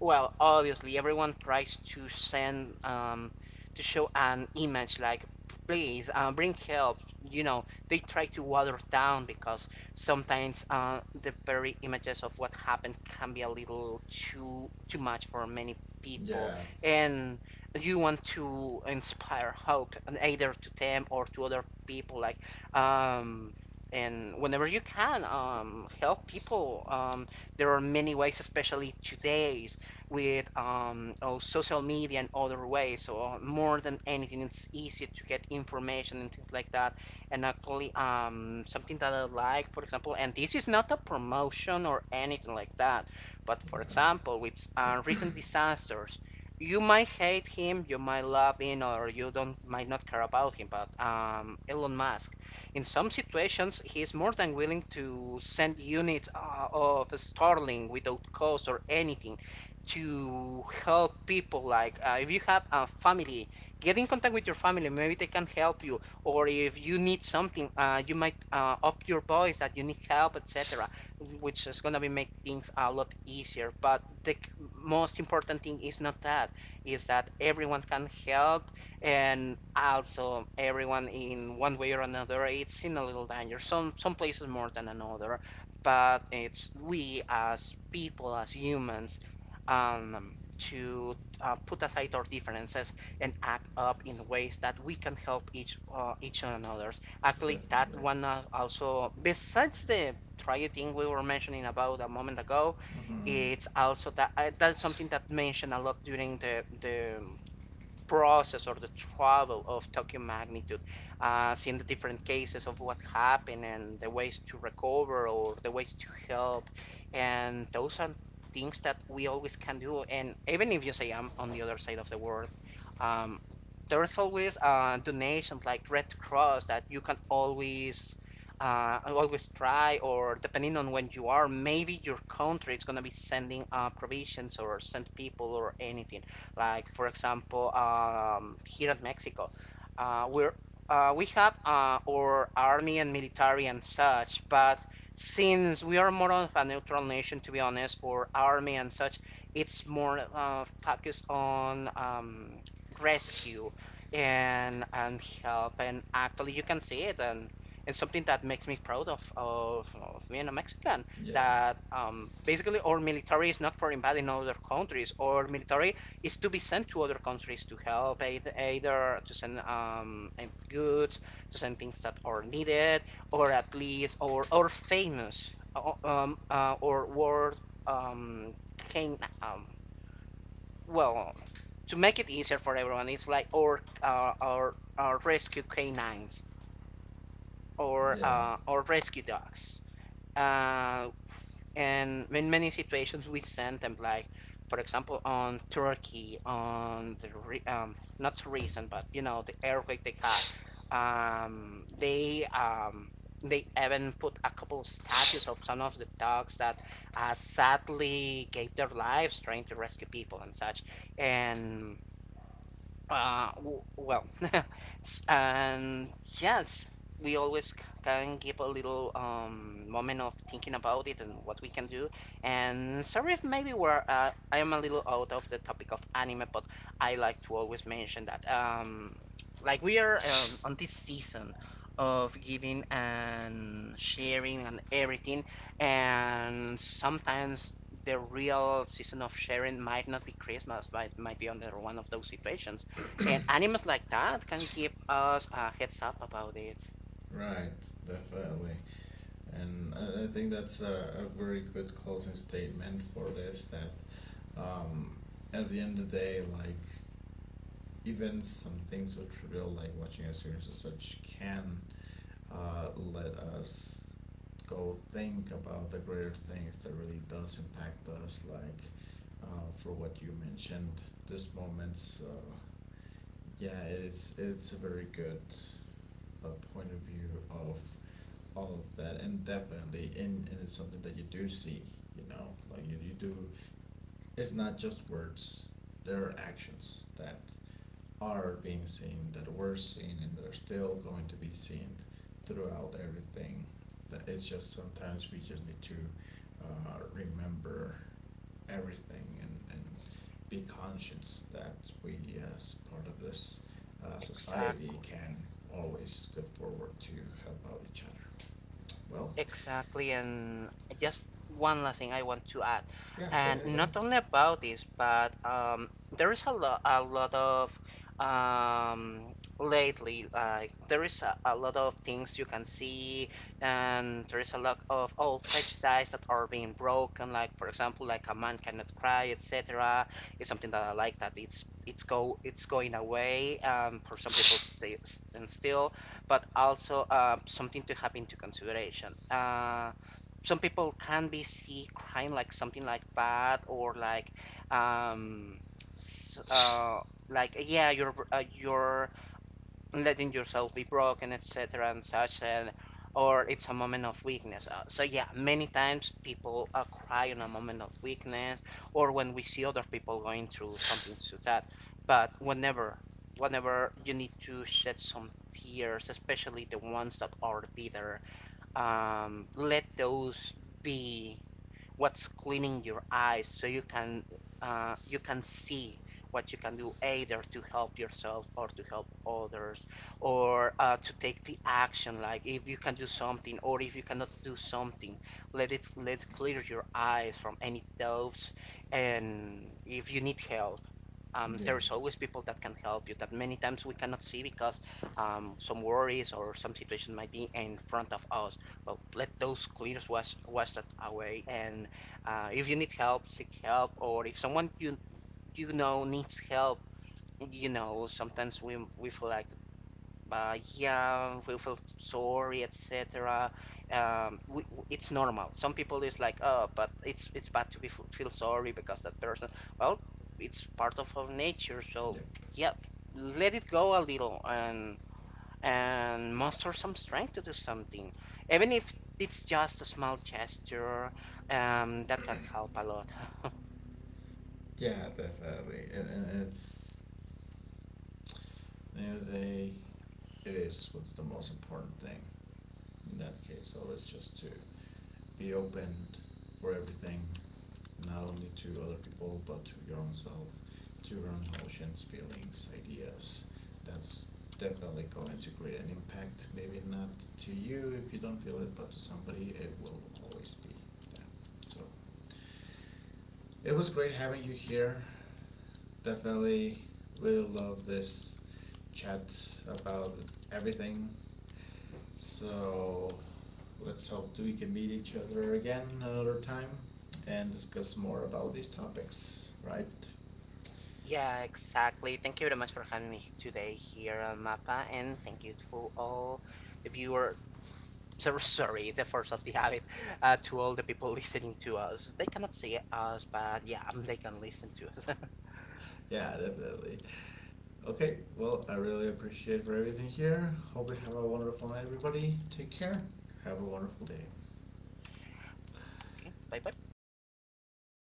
Speaker 2: well, obviously everyone tries to send, um, to show an image like, please, uh, bring help. You know, they try to water down because sometimes uh, the very images of what happened can be a little too too much for many people,
Speaker 1: Yeah.
Speaker 2: and you want to inspire hope, and either to them or to other people, like. Um, and whenever you can um, help people, um, there are many ways, especially today's, with um, oh, social media and other ways. So uh, more than anything, it's easy to get information and things like that. And actually, um, something that I like, for example, and this is not a promotion or anything like that, but for example, with uh, recent disasters. You might hate him, you might love him, or you don't might not care about him. But um, Elon Musk, in some situations, he is more than willing to send units uh, of Starling without cost or anything to help people. Like uh, if you have a family, get in contact with your family. Maybe they can help you. Or if you need something, uh, you might uh, up your voice that you need help, et cetera. Which is gonna be make things a lot easier. But the most important thing is not that. Is that everyone can help, and also everyone in one way or another it's in a little danger, some some places more than another, but it's we as people, as humans, um, to uh, put aside our differences and act up in ways that we can help each uh, each another. Actually, that one, uh, also besides the triad thing we were mentioning about a moment ago, it's also that I, that's something that mentioned a lot during the the process or the travel of Tokyo magnitude, uh, seeing the different cases of what happened and the ways to recover or the ways to help. And those are things that we always can do. And even if you say I'm on the other side of the world, um, there's always uh, donations like Red Cross that you can always uh, always try, or depending on when you are, maybe your country is gonna be sending uh, provisions or send people or anything. Like for example, um, here at Mexico, uh, we're uh, we have uh, our army and military and such, but since we are more of a neutral nation, to be honest, or army and such, it's more uh, focused on um, rescue and and help. And actually, you can see it, and and something that makes me proud of of, of being a Mexican.
Speaker 1: Yeah.
Speaker 2: That um, basically our military is not for invading other countries. Our military is to be sent to other countries to help, either to send um and goods, to send things that are needed, or at least or or famous uh, um uh, or world um can um well, to make it easier for everyone it's like or uh, or or rescue canines, or
Speaker 1: Yeah.
Speaker 2: uh, or rescue dogs. Uh, and in many situations we send them like, for example, on Turkey, on the re- um, not so recent but you know, the earthquake they had. um, they um, they even put a couple statues of some of the dogs that uh, sadly gave their lives trying to rescue people and such. And uh, w- well, [laughs] and yes, we always c- can give a little um moment of thinking about it and what we can do. And sorry if maybe we're uh, I am a little out of the topic of anime, but I like to always mention that um like we are um, on this season of giving and sharing and everything, and sometimes the real season of sharing might not be Christmas, but it might be under one of those situations, and animals like that can give us a heads up about it.
Speaker 1: Right, definitely. And I I think that's a, a very good closing statement for this, that um, at the end of the day, like, even some things so trivial like watching a series or such can uh, let us go think about the greater things that really does impact us, like, uh, for what you mentioned, these moments. Uh, yeah, it's it's a very good uh, point of view of all of that. And definitely, and, and it's something that you do see. You know, like you, you do. It's not just words. There are actions that are being seen, that were seen, and they're still going to be seen throughout everything. That it's just sometimes we just need to uh, remember everything, and, and be conscious that we, as part of this uh, society,
Speaker 2: Exactly.
Speaker 1: can always go forward to help out each other. Well,
Speaker 2: Exactly, and just one last thing I want to add,
Speaker 1: yeah, go
Speaker 2: and
Speaker 1: ahead, go ahead.
Speaker 2: not only about this, but um, there is a lot, a lot of um, lately, like there is a, a lot of things you can see, and there is a lot of old prejudice that are being broken. Like for example, like a man cannot cry, et cetera. It's something that I like that it's it's go it's going away. Um, for some people, stay, stand still, but also uh, something to have into consideration. Uh, some people can be see crying like something like bad or like um s- uh like yeah your are uh, you letting yourself be broken, et cetera, and such, and or it's a moment of weakness. Uh, so yeah, many times people uh, cry on a moment of weakness, or when we see other people going through something to that. But whenever, whenever you need to shed some tears, especially the ones that are bitter, um, let those be what's cleaning your eyes so you can uh, you can see what you can do, either to help yourself or to help others, or uh, to take the action, like if you can do something or if you cannot do something, let it let it clear your eyes from any doubts. And if you need help, um,
Speaker 1: Yeah.
Speaker 2: there's always people that can help you that many times we cannot see because um, some worries or some situation might be in front of us. Well, let those clears wash, wash that away, and uh, if you need help, seek help, or if someone you— you know, needs help, you know, sometimes we we feel like, uh, yeah, we feel sorry, et cetera. Um, we, it's normal. Some people is like, oh, but it's it's bad to be feel sorry because that person. Well, it's part of our nature, so
Speaker 1: Yep.
Speaker 2: yeah, let it go a little, and and muster some strength to do something, even if it's just a small gesture. Um, that can help a lot. [laughs]
Speaker 1: Yeah, definitely. And, and it's, you know, they, it is what's the most important thing in that case. Always just to be open for everything, not only to other people but to your own self, to your own emotions, feelings, ideas. That's definitely going to create an impact. Maybe not to you if you don't feel it, but to somebody it will always be that. So it was great having you here. Definitely really love this chat about everything. So let's hope that we can meet each other again another time and discuss more about these topics, right?
Speaker 2: Yeah, exactly. Thank you very much for having me today here on Mappa, and thank you for all the viewer. So, sorry, the force of the habit, uh, to all the people listening to us. They cannot see us, but yeah, um, they can listen to us. [laughs]
Speaker 1: Yeah, definitely. Okay, well, I really appreciate for everything here. Hope you have a wonderful night, everybody. Take care. Have a wonderful day.
Speaker 2: Okay, bye bye.